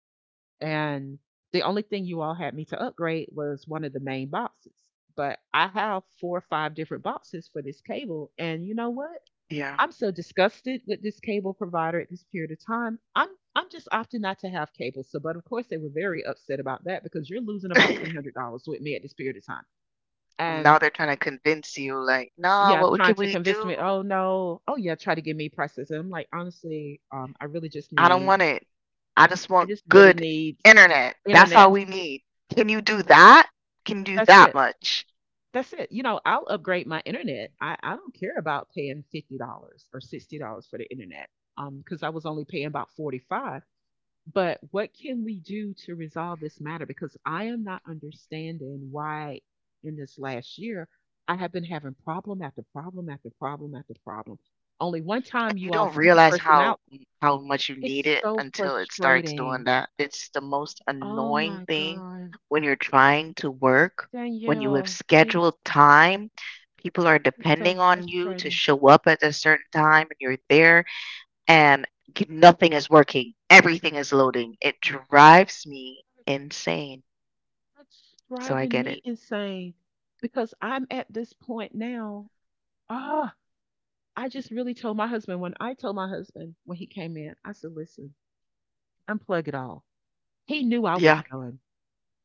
S1: And the only thing you all had me to upgrade was one of the main boxes. But I have four or five different boxes for this cable. And you know what?
S2: Yeah.
S1: I'm so disgusted with this cable provider at this period of time. I'm just opting not to have cable. So, but of course they were very upset about that because you're losing about three
S2: <laughs>
S1: hundred dollars with me at this period of time. And
S2: Now they're trying to convince you, like, no,
S1: yeah,
S2: what
S1: trying
S2: can
S1: to
S2: we
S1: convince
S2: do?
S1: me, oh no, oh yeah, try to give me prices. And I'm like, honestly, I really just
S2: I don't
S1: need,
S2: want it. I just
S1: I
S2: want
S1: just really
S2: good
S1: need
S2: internet. That's all
S1: internet.
S2: we need. Can you do that? Can you do
S1: That's
S2: that
S1: it.
S2: much?
S1: That's it. You know, I'll upgrade my internet. I don't care about paying $50 or $60 for the internet. Because I was only paying about 45. But what can we do to resolve this matter? Because I am not understanding why in this last year I have been having problem after problem after problem after problem. Only one time
S2: You
S1: you all
S2: don't
S1: sent the
S2: realize
S1: person out.
S2: how much you
S1: It's
S2: need it
S1: so
S2: until it starts doing
S1: frustrating.
S2: that. It's the most
S1: Oh
S2: annoying
S1: my
S2: thing
S1: God,
S2: when you're trying to work, when you have
S1: Danielle,
S2: scheduled
S1: it's,
S2: time, people are
S1: it's so
S2: depending on you to
S1: frustrating.
S2: show up at a certain time and you're there and nothing is working. Everything is loading. It drives me
S1: It's
S2: insane.
S1: it's
S2: So I
S1: driving
S2: get it.
S1: me insane because I'm at this point now. Ah, I just really told my husband when I told my husband when he came in, I said, listen, unplug it all. He knew I was
S2: Yeah.
S1: done.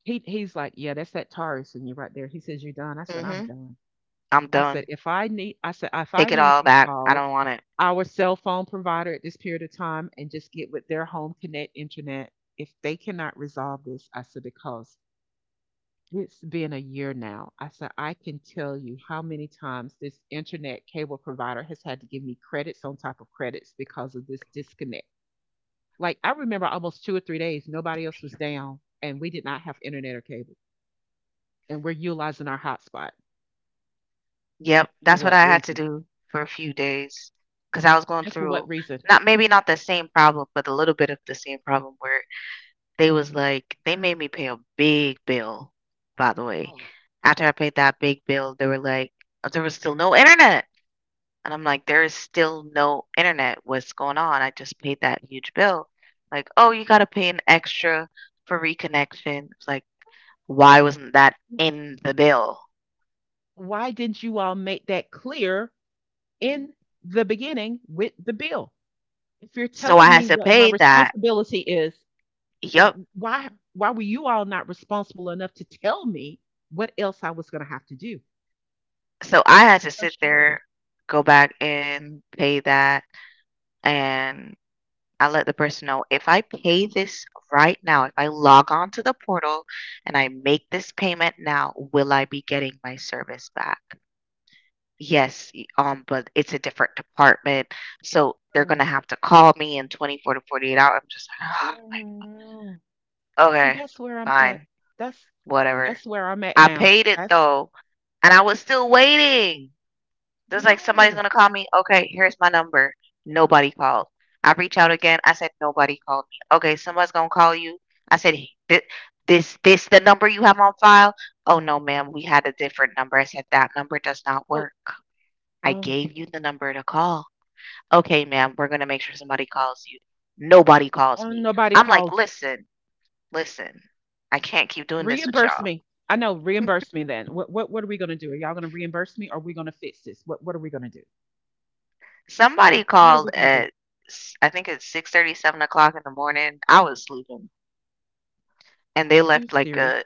S1: He's like, "Yeah, that's that Taurus in you right there." He says, "You're done." I said, "I'm
S2: Hmm.
S1: done."
S2: I'm
S1: I said,
S2: done.
S1: "If I need," I said, "If I
S2: Take it
S1: need
S2: all
S1: to
S2: back. I
S1: call
S2: don't want it.
S1: our cell phone provider at this period of time and just get with their home connect internet, if they cannot resolve this," I said, "because it's been a year now." I said, "I can tell you how many times this internet cable provider has had to give me credits on top of credits because of this disconnect." Like I remember almost 2 or 3 days, nobody else was down, and we did not have internet or cable, and we're utilizing our hotspot.
S2: Yep,
S1: For
S2: that's what
S1: what
S2: I had to
S1: reason?
S2: do for a few days, cause I was going
S1: And for what
S2: through
S1: reason?
S2: not maybe not the same problem, but a little bit of the same problem where they was like they made me pay a big bill, by the way.
S1: Oh.
S2: After I paid that big bill, they were like, there was still no internet." And I'm like, "There is still no internet. What's going on? I just paid that huge bill." Like, "Oh, you gotta pay an extra for reconnection." It's like, why wasn't that in the bill?
S1: Why didn't you all make that clear in the beginning with the bill? If you're
S2: So I
S1: telling
S2: had
S1: me
S2: to
S1: what my
S2: pay that.
S1: responsibility is,
S2: Yep.
S1: why were you all not responsible enough to tell me what else I was going to have to do?
S2: So I had to sit
S1: Frustrated.
S2: there, go back and pay that. And I let the person know if I pay this right now, if I log on to the portal and I make this payment now, will I be getting my service back? Yes, but it's a different department. So they're
S1: Mm.
S2: gonna have to call me in 24 to 48 hours. I'm just like,
S1: Mhm.
S2: <sighs>
S1: See,
S2: okay,
S1: that's where I'm at.
S2: fine,
S1: That's
S2: whatever.
S1: that's where I'm at
S2: I
S1: now.
S2: paid it
S1: That's
S2: though, and I was still waiting. Just like somebody's
S1: no.
S2: gonna call me. Okay, here's my number. Nobody called. I reach out again. I said nobody called me. Okay, somebody's gonna call you. I said, "He- this the number you have on file." Oh no, ma'am, we had a different number. I said that number does not
S1: Oh,
S2: work. I
S1: um,
S2: gave you the number to call. Okay, ma'am, we're gonna make sure somebody calls you. Nobody calls
S1: oh,
S2: me.
S1: nobody
S2: I'm like,
S1: called.
S2: listen, listen, I can't keep doing this with
S1: Reimburse
S2: y'all.
S1: me. I know, reimburse me then. What are we gonna do? Are y'all gonna reimburse me? Or are we gonna fix this? What are we gonna do?
S2: Somebody
S1: What are
S2: called
S1: we gonna do?
S2: at I think it's 6:30, 7 o'clock in the morning. I was sleeping, and they
S1: Are you
S2: left like
S1: serious?
S2: a,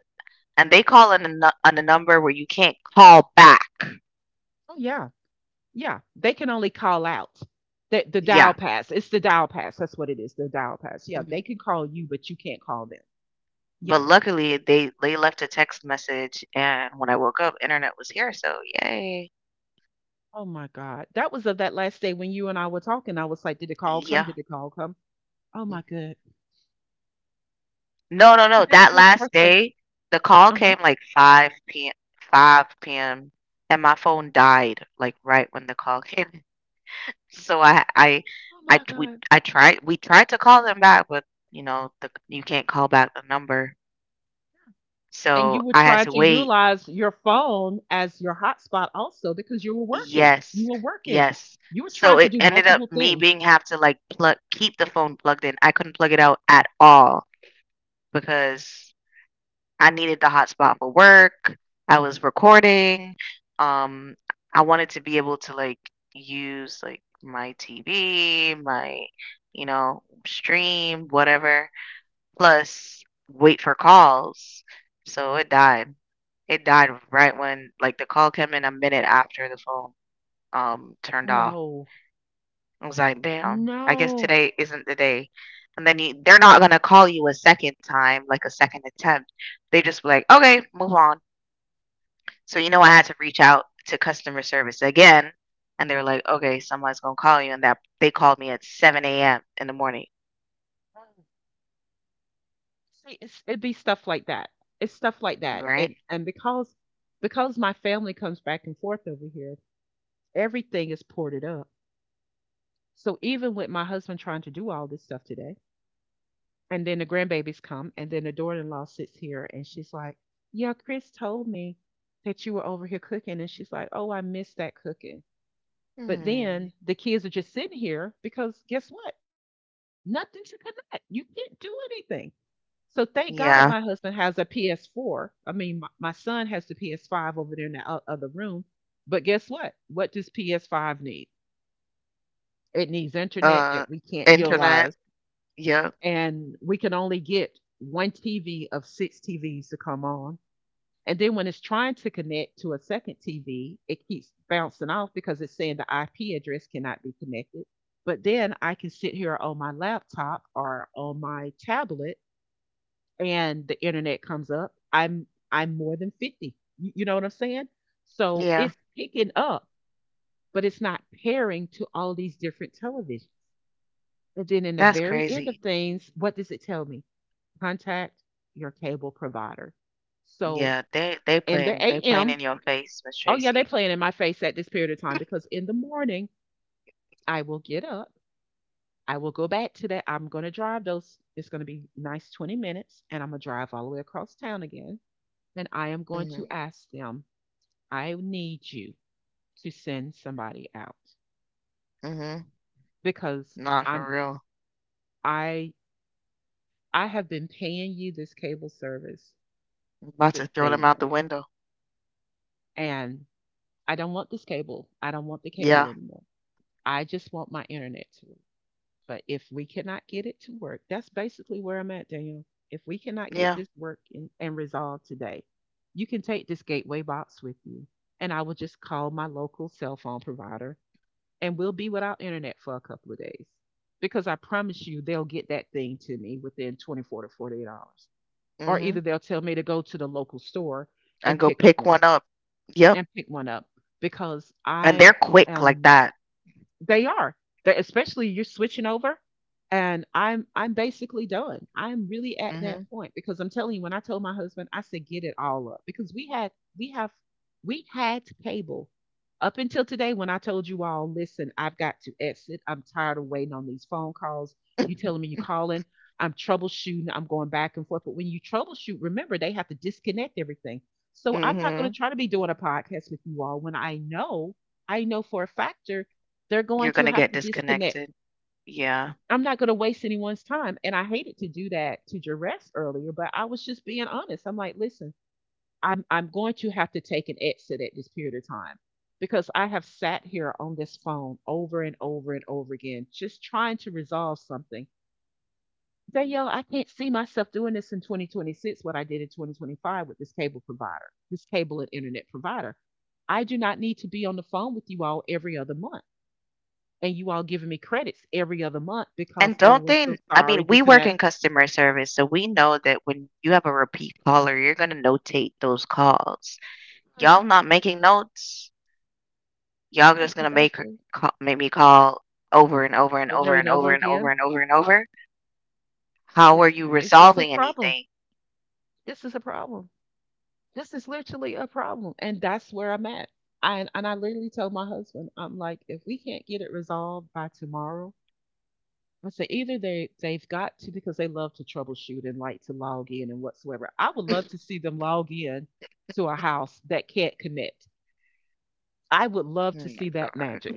S2: and they call on a on a number where you can't call back.
S1: Oh yeah, yeah. They can only call out. The dial
S2: Yeah,
S1: pass. It's the dial pass. That's what it is. The dial pass. Yeah, they
S2: hmm,
S1: can call you, but you can't call them.
S2: but
S1: Yeah.
S2: luckily they left a text message, and when I woke up, internet was here. So yay.
S1: Oh my God. That was of that last day when you and I were talking. I was like, did the call come?
S2: Yeah.
S1: Did the call come? Oh my God.
S2: No, no, no.
S1: That's
S2: That
S1: what's
S2: last
S1: frustrating.
S2: day, the call
S1: Uh huh.
S2: came like 5 p.m. 5 p.m., and my phone died like right when the call came. <laughs> So
S1: Oh
S2: I
S1: my
S2: we
S1: God.
S2: I tried we tried to call them back, but you know, the you can't call back the number.
S1: And
S2: So
S1: you were
S2: I had
S1: trying
S2: to
S1: to
S2: wait.
S1: utilize your phone as your hotspot also because you were working. You
S2: Yes,
S1: were working.
S2: yes.
S1: You were
S2: So
S1: trying to
S2: it
S1: do
S2: ended up
S1: multiple
S2: me
S1: things.
S2: being have to like plug keep the phone plugged in. I couldn't plug it out at all because I needed the hotspot for work. I was recording. Um, I wanted to be able to like use like my TV, my, you know, stream, whatever, plus wait for calls. So it died. It died right when like the call came in a minute after the phone turned off.
S1: No,
S2: I was like, damn, I guess
S1: no.
S2: today isn't the day. And then they're not going to call you a second time, like a second attempt. They just be like, okay, move on. So, you know, I had to reach out to customer service again. And they were like, okay, someone's going to call you. And that they called me at 7 a.m. in the morning,
S1: Mm. See, it'd be stuff like that. It's stuff like that,
S2: right?
S1: and because my family comes back and forth over here, everything is ported up. So even with my husband trying to do all this stuff today, and then the grandbabies come, and then the daughter-in-law sits here, and she's like, "Yeah, Chris told me that you were over here cooking," and she's like, "Oh, I missed that cooking." But
S2: Hmm.
S1: then the kids are just sitting here because guess what? Nothing to connect. You can't do anything. So thank God
S2: Yeah.
S1: my husband has a PS4. I mean, my son has the PS5 over there in the other room. But guess what? What does PS5 need? It needs internet
S2: Uh,
S1: that we can't
S2: internet.
S1: utilize,
S2: Yeah.
S1: and we can only get one TV of six TVs to come on. And then when it's trying to connect to a second TV, it keeps bouncing off because it's saying the IP address cannot be connected. But then I can sit here on my laptop or on my tablet and the internet comes up. I'm more than 50. You know what I'm saying? So
S2: Yeah.
S1: it's picking up, but it's not pairing to all these different televisions. And then in the
S2: That's
S1: very end of
S2: crazy.
S1: things, what does it tell me? Contact your cable provider. So,
S2: Yeah.
S1: in the
S2: They playing
S1: AM,
S2: in your face, Miss
S1: oh yeah, they
S2: Tracy.
S1: playing in my face at this period of time because in the morning I will get up. I will go back to that. I'm going to drive those. It's going to be nice 20 minutes, and I'm going to drive all the way across town again. And I am going to
S2: Mhm,
S1: ask them, I need you to send somebody out
S2: mhm.
S1: because
S2: Nah,
S1: I'm
S2: for real.
S1: I I have been paying you this cable service
S2: I'm about
S1: since
S2: to throw
S1: day
S2: them out
S1: one,
S2: the window.
S1: and I don't want this cable. I don't want the cable
S2: Yeah,
S1: anymore. I just want my internet to work. But if we cannot get it to work, that's basically where I'm at, Daniel. If we cannot get
S2: yeah.
S1: this work and resolved today, you can take this gateway box with you. And I will just call my local cell phone provider and we'll be without internet for a couple of days. Because I promise you, they'll get that thing to me within 24 to 48 hours. Or
S2: Mhm.
S1: either they'll tell me to go to the local store
S2: And
S1: and
S2: go
S1: pick up
S2: pick
S1: one
S2: one up. Yep.
S1: and pick one up because
S2: And
S1: I
S2: they're quick like
S1: am
S2: that.
S1: they are. They especially you're switching over and I'm basically done. I'm really at that
S2: Mhm.
S1: point because I'm telling you when I told my husband, I said get it all up because we have we had cable up until today when I told you all, listen, I've got to exit. I'm tired of waiting on these phone calls. You telling
S2: <laughs>
S1: me you are calling. I'm troubleshooting. I'm going back and forth. But when you troubleshoot, remember they have to disconnect everything. So I'm not going
S2: Mm-hmm.
S1: to try to be doing a podcast with you all when I know for a factor. They're going
S2: You're
S1: to
S2: gonna
S1: have
S2: get
S1: to disconnect.
S2: disconnected. Yeah.
S1: I'm not going to waste anyone's time. And I hated to do that to Jerez earlier, but I was just being honest. I'm like, listen, I'm going to have to take an exit at this period of time because I have sat here on this phone over and over and over again, just trying to resolve something. Danielle, I can't see myself doing this in 2026, what I did in 2025 with this cable provider, this cable and internet provider. I do not need to be on the phone with you all every other month, and you all giving me credits every other month
S2: And
S1: because, "Oh,
S2: don't
S1: we're so
S2: they, I
S1: sorry,"
S2: mean, we
S1: this and
S2: work
S1: that.
S2: in customer service, so we know that when you have a repeat caller, you're gonna notate those calls.
S1: Yes,
S2: Y'all not making notes. Y'all
S1: yes,
S2: just gonna make her
S1: exactly.
S2: call, make me call over and over and
S1: Over
S2: over and
S1: and
S2: over
S1: over
S2: and over
S1: again.
S2: and over and over. How
S1: Th
S2: are you
S1: It's a
S2: resolving
S1: problem.
S2: anything?
S1: This is a problem. This is literally a problem. And that's where I'm at. I literally told my husband, I'm like, "If we can't get it resolved by tomorrow," I say "either they've got to because they love to troubleshoot and like to log in and whatsoever. I would love to see them log in to a house that can't connect. I would love
S2: Oh
S1: to
S2: my
S1: see that
S2: god!
S1: magic.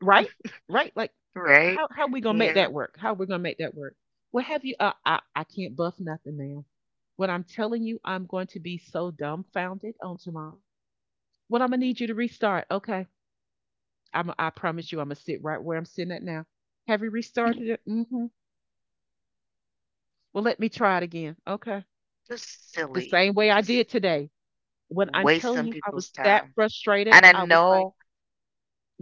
S1: Right? Right? Like
S2: Right?
S1: how we gonna make
S2: Yeah.
S1: that work? How we gonna make that work? Well, have you? I can't buff nothing, ma'am. What I'm telling you, I'm going to be so dumbfounded on tomorrow. What I'm gonna need you to restart. Okay, I promise you, I'm gonna sit right where I'm sitting at now. Have you restarted it? Mm-hmm. Well, let me try it again. Okay,
S2: Just
S1: the
S2: silly.
S1: same way I
S2: Just
S1: did today. When I'm telling
S2: wasting
S1: you, I
S2: people's
S1: was that
S2: time.
S1: frustrated.
S2: And I
S1: I was like,
S2: know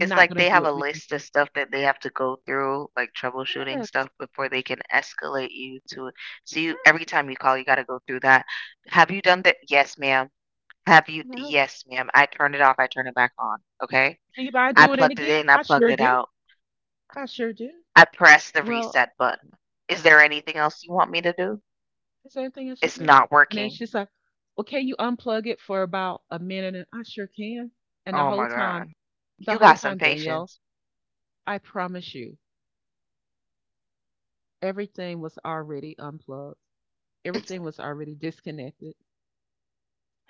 S2: it's like
S1: gonna
S2: they
S1: do
S2: have
S1: it
S2: a
S1: with you.
S2: list of stuff that they have to go through, like troubleshooting
S1: Yes,
S2: stuff before they can escalate you to. So you every
S1: yes.
S2: time you call, you gotta go through that. Have you done that? Yes, ma'am. Have you
S1: No.
S2: yes, ma'am. I turned it off, I turned it back on, okay?
S1: Do you mind
S2: I
S1: doing it
S2: plugged it
S1: again?
S2: in, I
S1: I
S2: plugged
S1: sure
S2: it
S1: do.
S2: out.
S1: I sure do.
S2: I pressed the
S1: Well,
S2: reset button. Is there anything else you want me to do?
S1: is there anything else you want
S2: It's
S1: me to do?
S2: not
S1: And then
S2: working.
S1: she's like, well, can you unplug it for about a minute? And I sure can. And
S2: Oh my god.
S1: the
S2: You
S1: whole
S2: got some
S1: time, Danielle,
S2: patience. <laughs>
S1: I promise you, everything was already unplugged. Everything was already disconnected.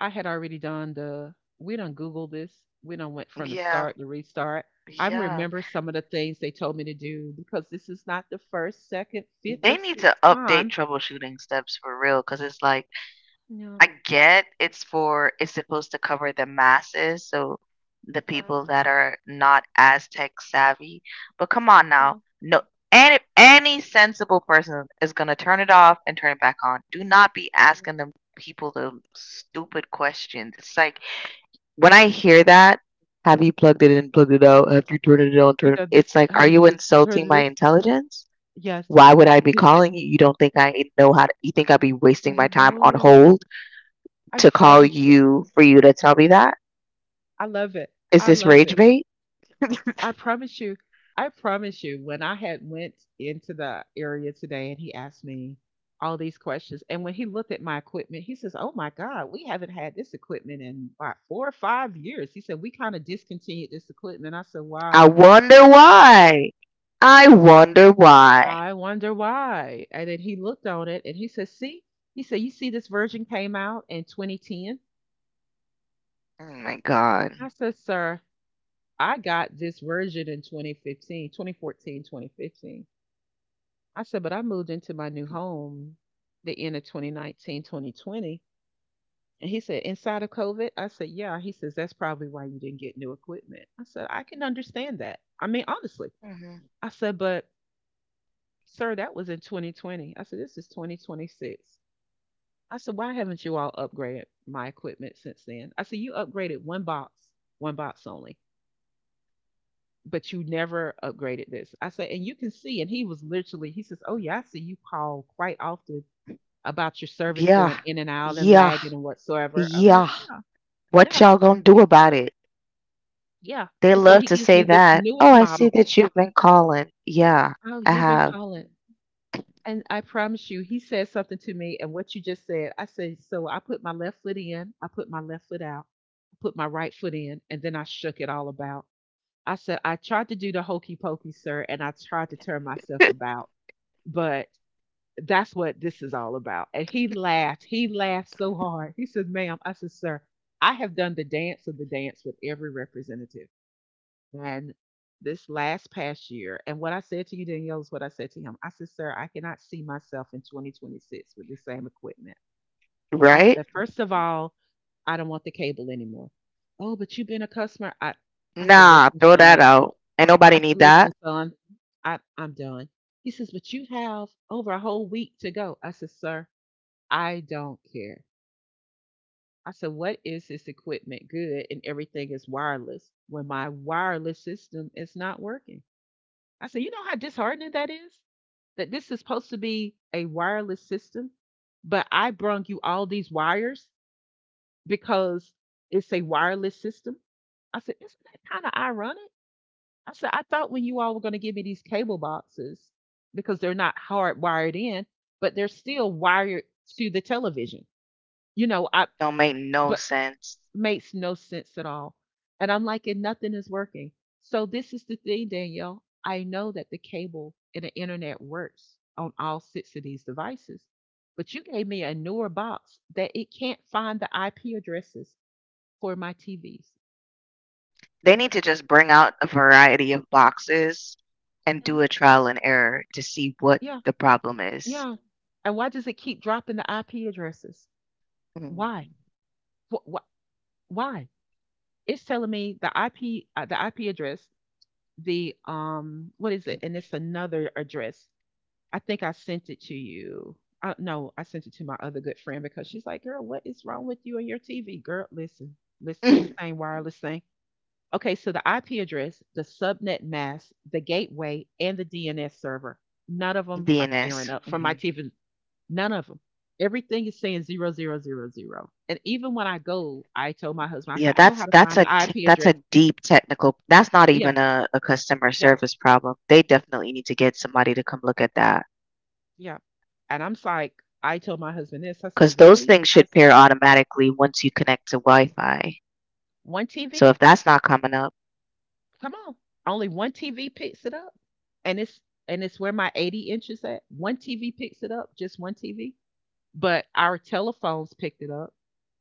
S1: I had already done we done Google this. We done went from the
S2: Yeah,
S1: start to restart. I
S2: yeah.
S1: remember some of the things they told me to do because this is not the first, second, fifth,
S2: They
S1: or
S2: need to
S1: sixth
S2: update
S1: time.
S2: troubleshooting steps for real, 'cause it's like
S1: No.
S2: I get it's for it's supposed to cover the masses, so the
S1: Yeah.
S2: people that are not as tech savvy. But come on
S1: Yeah.
S2: now, no, any sensible person is gonna turn it off and turn it back on. Do not be asking them people the stupid questions. It's like when I hear that, have you plugged it in, plugged it out? Have you turned it on,
S1: You
S2: turned
S1: know
S2: It's
S1: this.
S2: like, are
S1: Have you
S2: you
S1: just heard
S2: insulting
S1: of
S2: my
S1: this?
S2: intelligence?
S1: Yes.
S2: Why would I be
S1: Th- th-
S2: calling you? You don't think I know how to? You think I'd be wasting
S1: I
S2: my time
S1: know
S2: on
S1: it.
S2: hold?
S1: I
S2: To call
S1: promise you.
S2: you for you to tell me that?
S1: I love it.
S2: Is
S1: I
S2: this
S1: love
S2: rage
S1: it.
S2: bait? <laughs>
S1: I promise you. I promise you. When I had went into the area today and he asked me all these questions, and when he looked at my equipment, he says, "Oh my God, we haven't had this equipment in about 4 or 5 years." He said, "We kind of discontinued this equipment." I said,
S2: I
S1: "Wow,
S2: wonder why. I wonder why.
S1: I wonder why." And then he looked on it and he says, "See," he said, "You see this version came out in 2010."
S2: Oh my god.
S1: I said, "Sir, I got this version in 2015, 2014, 2015. I said, but I moved into my new home the end of 2019, 2020. And he said, inside of COVID? I said, yeah. He says, that's probably why you didn't get new equipment. I said, I can understand that. I mean, honestly,
S2: Hmm.
S1: I said, but sir, that was in 2020. I said, this is 2026. I said, why haven't you all upgraded my equipment since then? I said, you upgraded one box only, but you never upgraded this. I said, and you can see. And he was literally, he says, oh, yeah, I see you call quite often about your service
S2: Yeah,
S1: going in and out and
S2: yeah,
S1: lagging and whatsoever. I'm like,
S2: yeah.
S1: yeah,
S2: What
S1: yeah,
S2: y'all gonna do
S1: bec-
S2: about it?
S1: yeah.
S2: They
S1: And so
S2: love
S1: he
S2: to
S1: gives
S2: say
S1: me this
S2: that.
S1: newest
S2: Oh, I see
S1: model.
S2: that you've been calling. Yeah,
S1: Oh,
S2: I
S1: you've been
S2: have.
S1: calling. And I promise you, he said something to me. And what you just said, I said, so I put my left foot in, I put my left foot out, I put my right foot in, and then I shook it all about. I said, I tried to do the hokey pokey, sir, and I tried to turn myself
S2: <laughs>
S1: about, but that's what this is all about. And he laughed. He laughed so hard. He said, ma'am, I said, sir, I have done the dance of the dance with every representative. And this last past year, and what I said to you, Danielle, is what I said to him. I said, sir, I cannot see myself in 2026 with the same equipment. I
S2: Right?
S1: said, first of all, I don't want the cable anymore. Oh, but you've been a customer. I said,
S2: Nah,
S1: listen,
S2: throw that
S1: son.
S2: out. Ain't
S1: I
S2: nobody
S1: said,
S2: need
S1: listen,
S2: that.
S1: son. I'm done. He says, but you have over a whole week to go. I said, sir, I don't care. I said, what is this equipment good and everything is wireless when my wireless system is not working? I said, you know how disheartening that is? That this is supposed to be a wireless system, but I brung you all these wires because it's a wireless system. I said, isn't that kind of ironic? I said, I thought when you all were going to give me these cable boxes because they're not hardwired in, but they're still wired to the television. You know, I
S2: Don't make no
S1: but
S2: sense.
S1: makes no sense at all. And I'm like, and nothing is working. So this is the thing, Danielle. I know that the cable and the internet works on all six of these devices, but you gave me a newer box that it can't find the IP addresses for my TVs.
S2: They need to just bring out a variety of boxes and do
S1: Mhm.
S2: a trial and error to see what
S1: Yeah,
S2: the problem is.
S1: yeah. And why does it keep dropping the IP addresses? Why?
S2: Mm.
S1: Wh- wh- why? It's telling me the IP address, the what is it? And it's another address. I think I sent it to you. I, no, I sent it to my other good friend because she's like, "Girl, what is wrong with you and your TV? Girl, listen, listen, the
S2: <laughs>
S1: same wireless thing." Okay, so the IP address, the subnet mask, the gateway, and the DNS server, none of
S2: <clears throat>
S1: them are pairing
S2: DNS.
S1: up for my TV. None of them. Everything is saying zero zero zero zero. And even when I go, I told my husband, I
S2: Yeah,
S1: said, "I know how
S2: that's
S1: to
S2: that's
S1: find
S2: a
S1: the IP
S2: that's a
S1: address."
S2: deep technical. That's not
S1: Yeah,
S2: even a customer
S1: yeah,
S2: service problem. They definitely need to get somebody to come look at that
S1: yeah. And I'm like, I told my husband this. I
S2: because
S1: said,
S2: those
S1: "Really?"
S2: things should pair automatically once you connect to Wi-Fi.
S1: One
S2: So
S1: TV.
S2: if that's not coming up,
S1: Come on. Only one TV picks it up. And it's and it's where my 80 inch is at. One TV picks it up, just one TV. But our telephones picked it up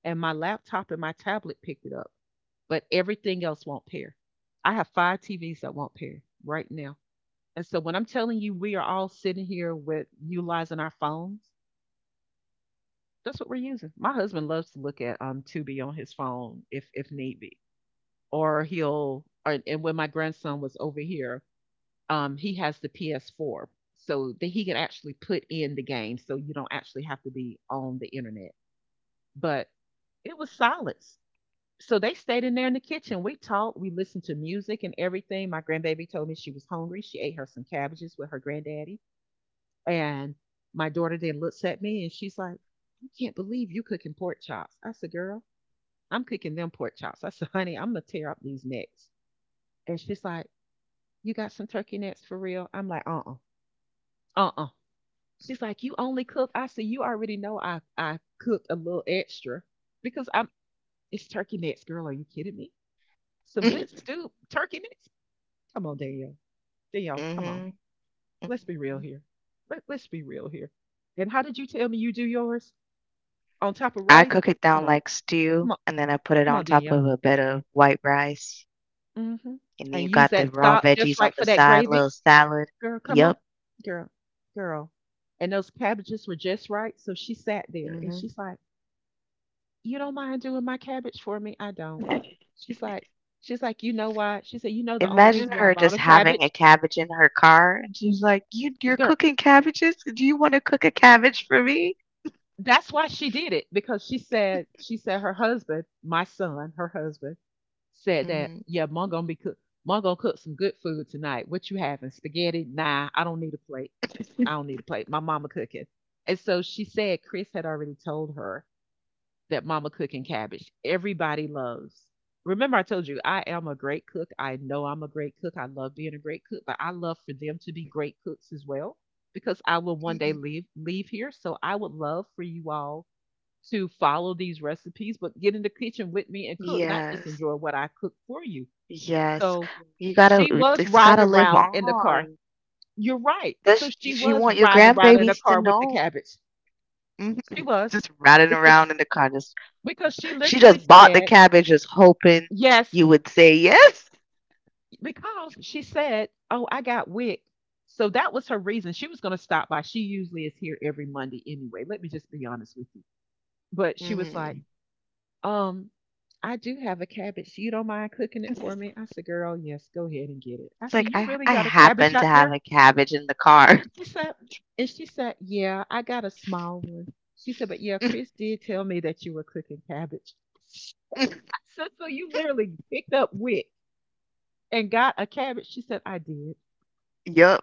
S1: and my laptop and my tablet picked it up. But everything else won't pair. I have five TVs that won't pair right now. And so when I'm telling you we are all sitting here with utilizing our phones, that's what we're using. My husband loves to look at Tubi on his phone if need be. And when my grandson was over here, he has the PS4 so that he can actually put in the game so you don't actually have to be on the internet. But it was silence. So they stayed in there in the kitchen. We talked, we listened to music and everything. My grandbaby told me she was hungry. She ate her some cabbages with her granddaddy. And my daughter then looks at me and she's like, I can't believe you cooking pork chops. I said, girl, I'm cooking them pork chops. I said, honey, I'm gonna tear up these necks. And she's like, you got some turkey necks for real? I'm like, uh uh-uh, uh. She's like, "You only cook." I said, "You already know I cooked a little extra because I'm it's turkey necks, girl. Are you kidding me? Some good
S2: <laughs>
S1: stew, turkey necks. Come on, Danielle. Danielle, come on.
S2: hmm.
S1: Let's be real here. Let's be real here. And how did you tell me you do yours on top of
S2: I
S1: rice?
S2: cook it
S1: Come
S2: down
S1: on,
S2: like
S1: come
S2: stew,
S1: on,
S2: and then I put it
S1: come
S2: on
S1: on,
S2: top
S1: Danielle.
S2: of a bed of white rice.
S1: Mm-hmm.
S2: And then
S1: And
S2: you
S1: use
S2: got the
S1: that
S2: raw
S1: stock just
S2: veggies on
S1: right
S2: the
S1: for that
S2: side,
S1: gravy,
S2: little salad.
S1: girl. Come on,
S2: Yep.
S1: girl, girl. And those cabbages were just right. So she sat there and
S2: Mhm.
S1: she's like, you don't mind doing my cabbage for me? I don't.
S2: <laughs>
S1: She's like, she's like, you know why? She said, you know, the only
S2: Imagine
S1: reason why I
S2: her
S1: bought
S2: just
S1: a
S2: having a
S1: cabbage,
S2: cabbage in her car, and she's like, "You you're
S1: girl,
S2: cooking cabbages? Do you want to cook a cabbage for me?"
S1: that's why she did it because she said her husband, my son, her husband said that,
S2: Mhm.
S1: yeah, mom gonna be cook, mom gonna cook some good food tonight. What you having? Spaghetti? Nah, I don't need a plate. I
S2: Mhm.
S1: don't need a plate. My mama cooking. And so she said Chris had already told her that mama cooking cabbage. Everybody loves. Remember, I told you I am a great cook. I know I'm a great cook. I love being a great cook, but I love for them to be great cooks as well because I will one day
S2: <laughs>
S1: leave here. So I would love for you all to follow these recipes, but get in the kitchen with me and cook, not just
S2: Yes.
S1: enjoy what I cook for you.
S2: Yes.
S1: So
S2: You gotta,
S1: she
S2: it-
S1: was
S2: has
S1: riding
S2: gotta live
S1: around in the car.
S2: on.
S1: You're right.
S2: Does
S1: So she
S2: she
S1: was
S2: want your
S1: riding around in the
S2: grandbabies to
S1: car with the
S2: know?
S1: cabbage.
S2: Mhm.
S1: She
S2: <laughs>
S1: was
S2: Just riding
S1: because
S2: around in the car. Just
S1: because she
S2: she
S1: literally
S2: just bought the
S1: said
S2: cabbage, just hoping
S1: yes,
S2: you would say yes.
S1: because she said, "Oh, I got WIC." So that was her reason. She was going to stop by. She usually is here every Monday anyway. Let me just be honest with you. But she was like,
S2: Hmm.
S1: "Um, I do have a cabbage. You don't mind cooking it for
S2: <laughs>
S1: me?" I said, "Girl, yes, go ahead and get it." I
S2: It's
S1: said,
S2: like,
S1: "You really
S2: I
S1: got a cabbage
S2: happen to
S1: out
S2: have
S1: there?"
S2: a cabbage in the car.
S1: And she said, "And she said, yeah, I got a small one." She said, "But yeah, Chris did tell me that you were cooking cabbage." <laughs>
S2: <laughs>
S1: I said, "So you literally picked up wick and got a cabbage?" She said, "I did."
S2: Yup.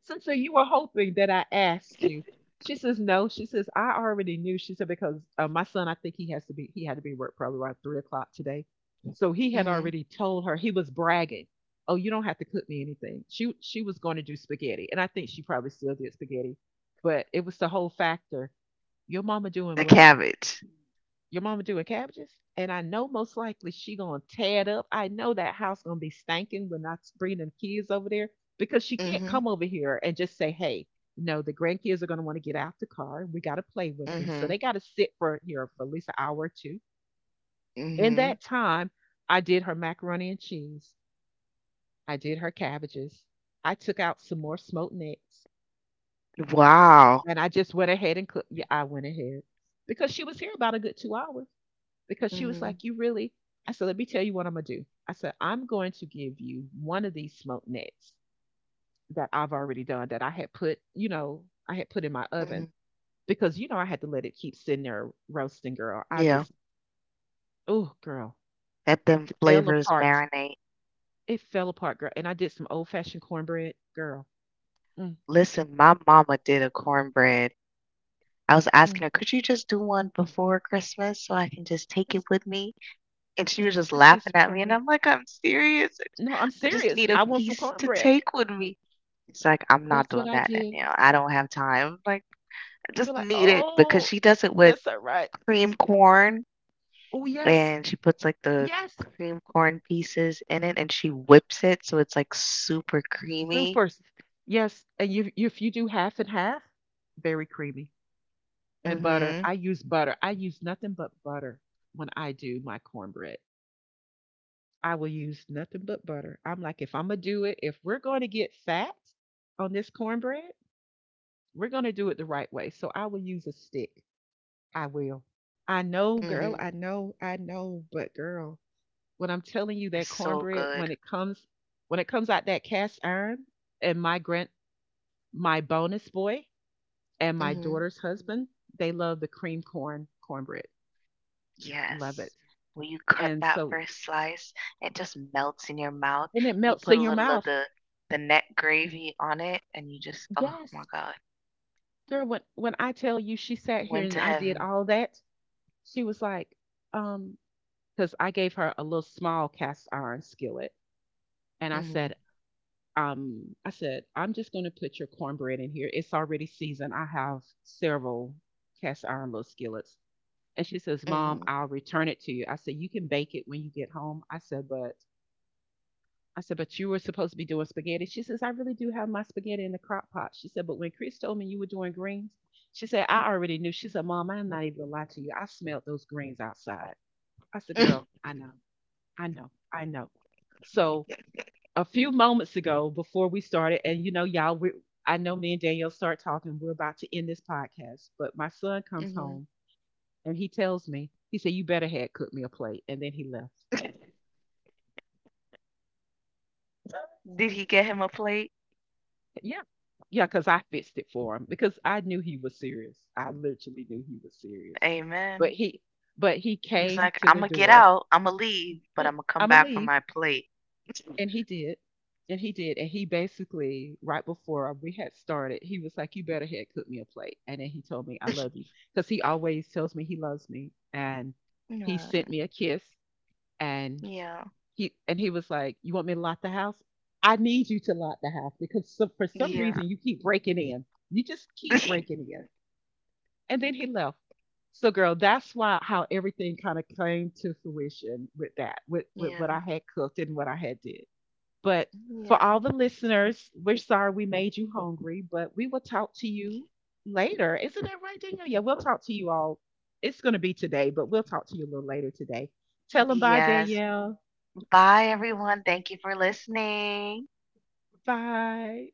S1: Since you were hoping that I asked you. She says, no. She says, I already knew. She said, because my son, I think he has to be, he had to be at work probably around 3 o'clock today. So he had
S2: Mhm.
S1: already told her, he was bragging. Oh, you don't have to cook me anything. She was going to do spaghetti. And I think she probably still did spaghetti, but it was the whole factor. Your mama
S2: A
S1: doing what?
S2: cabbage.
S1: Your mama doing cabbages, and I know most likely she gonna tear it up. I know that house gonna be stankin' when I bring them kids over there because she can't
S2: Mhm.
S1: come over here and just say, "Hey, no, the grandkids are gonna want to get out the car. We gotta play with them, so they
S2: Mhm.
S1: gotta sit for here for at least an hour or two." In
S2: Mhm.
S1: that time, I did her macaroni and cheese. I did her cabbages. I took out some more smoked necks,
S2: Wow.
S1: and I just went ahead and cooked. Yeah, I went ahead because she was here about a good 2 hours, because she was
S2: Mhm.
S1: like, "You really?" I said, "Let me tell you what I'm going to do." I said, "I'm going to give you one of these smoke nets that I've already done that I had put, you know, I had put in my oven
S2: Mhm.
S1: because, you know, I had to let it keep sitting there roasting, girl. I
S2: Yeah.
S1: just, oh, girl,
S2: Let them
S1: fell
S2: flavors
S1: apart.
S2: marinate.
S1: It fell apart, girl." And I did some old fashioned cornbread, girl. Mm,
S2: Listen, my mama did a cornbread. I was
S1: mm.
S2: asking her, "Could you just do one before Christmas so I can just take it
S1: Just,
S2: with me?" And she was
S1: just,
S2: just
S1: just do
S2: laughing
S1: some
S2: at me, and
S1: cornbread.
S2: I'm like, "I'm serious.
S1: No, I'm
S2: I just
S1: serious.
S2: need a
S1: I want some
S2: piece to
S1: cornbread.
S2: take with me." It's like, "I'm not
S1: That's what
S2: doing
S1: I
S2: that,
S1: did.
S2: Danielle. I don't have time." Like I
S1: Be
S2: just
S1: like,
S2: need it because
S1: oh,
S2: she does it with
S1: that's all right.
S2: cream corn
S1: Oh, yes.
S2: and she puts like the
S1: Yes.
S2: cream corn pieces in it and she whips it so it's like super creamy.
S1: Super. S- Yes, and if you do half and half, very creamy. And butter.
S2: Mhm.
S1: I use butter. I use nothing but butter when I do my cornbread. I will use nothing but butter. I'm like, if I'm gonna do it, if we're going to get fat on this cornbread, we're gonna do it the right way. So I will use a stick. I will. I know, girl. I
S2: Mhm.
S1: know. I know. But girl, when I'm telling you
S2: It's
S1: that
S2: so
S1: cornbread,
S2: good.
S1: when it comes out that cast iron, and my grand, my bonus boy, and my
S2: Mhm.
S1: daughter's husband, they love the cream corn cornbread. Love it.
S2: Yes. When you cut
S1: And
S2: that
S1: so,
S2: first slice, it just melts in your mouth.
S1: and it
S2: You
S1: melts
S2: put
S1: in
S2: a
S1: your
S2: little of
S1: mouth.
S2: the neck gravy on it and you just oh
S1: Yes.
S2: my god.
S1: There, when I tell you she sat here
S2: Went
S1: and
S2: to
S1: I did
S2: heaven.
S1: all that, she was like, um, because I gave her a little small cast iron skillet. And
S2: Mhm.
S1: I said, "I'm just going to put your cornbread in here. It's already seasoned. I have several cast iron little skillets." And she says, "Mom,
S2: Mhm.
S1: I'll return it to you." I said, "You can bake it when you get home." I said, But you were supposed to be doing spaghetti. She says, "I really do have my spaghetti in the crock pot." She said, "But when Chris told me you were doing greens," she said, "I already knew." She said, "Mom, I'm not even gonna lie to you. I smelled those greens outside." I said, "Girl, I know, I know, I know." So a few moments ago, before we started, and you know, y'all, we I know me and Danielle start talking. We're about to end this podcast, but my son comes
S2: Mhm.
S1: home
S2: <laughs>
S1: and he tells me, he said, "You better had cooked me a plate." And then he left.
S2: <laughs> Did he get him a plate?
S1: Yeah. Yeah, because I fixed it for him because I knew he was serious. I literally knew he was serious. But
S2: Amen.
S1: he, but he
S2: He's
S1: came
S2: like,
S1: to
S2: I'm
S1: the
S2: gonna get
S1: door.
S2: out, I'm gonna leave, but
S1: Eh,
S2: I'm gonna come
S1: I'ma
S2: back for
S1: leave.
S2: my plate.
S1: And he did. And he did. And he basically, right before we had started, he was like, "You better head cook me a plate." And then he told me, "I love you."
S2: <laughs>
S1: Because he always tells me he loves me. And he
S2: No.
S1: sent me a kiss. And
S2: Yeah.
S1: he was like, "You want me to lock the house? I need you to lock the house because so, for some
S2: Yeah.
S1: reason you keep breaking in. You just keep
S2: <laughs>
S1: breaking in." And then he left. So, girl, that's why how everything kind of came to fruition with that, with what I
S2: Yeah.
S1: had cooked and what I had did. But for all
S2: Yeah.
S1: the listeners, we're sorry we made you hungry, but we will talk to you later. Isn't that right, Daniel? Yeah, we'll talk to you all. It's going to be today, but we'll talk to you a little later today. Tell them bye,
S2: Yes.
S1: Danielle.
S2: Bye, everyone. Thank you for listening.
S1: Bye.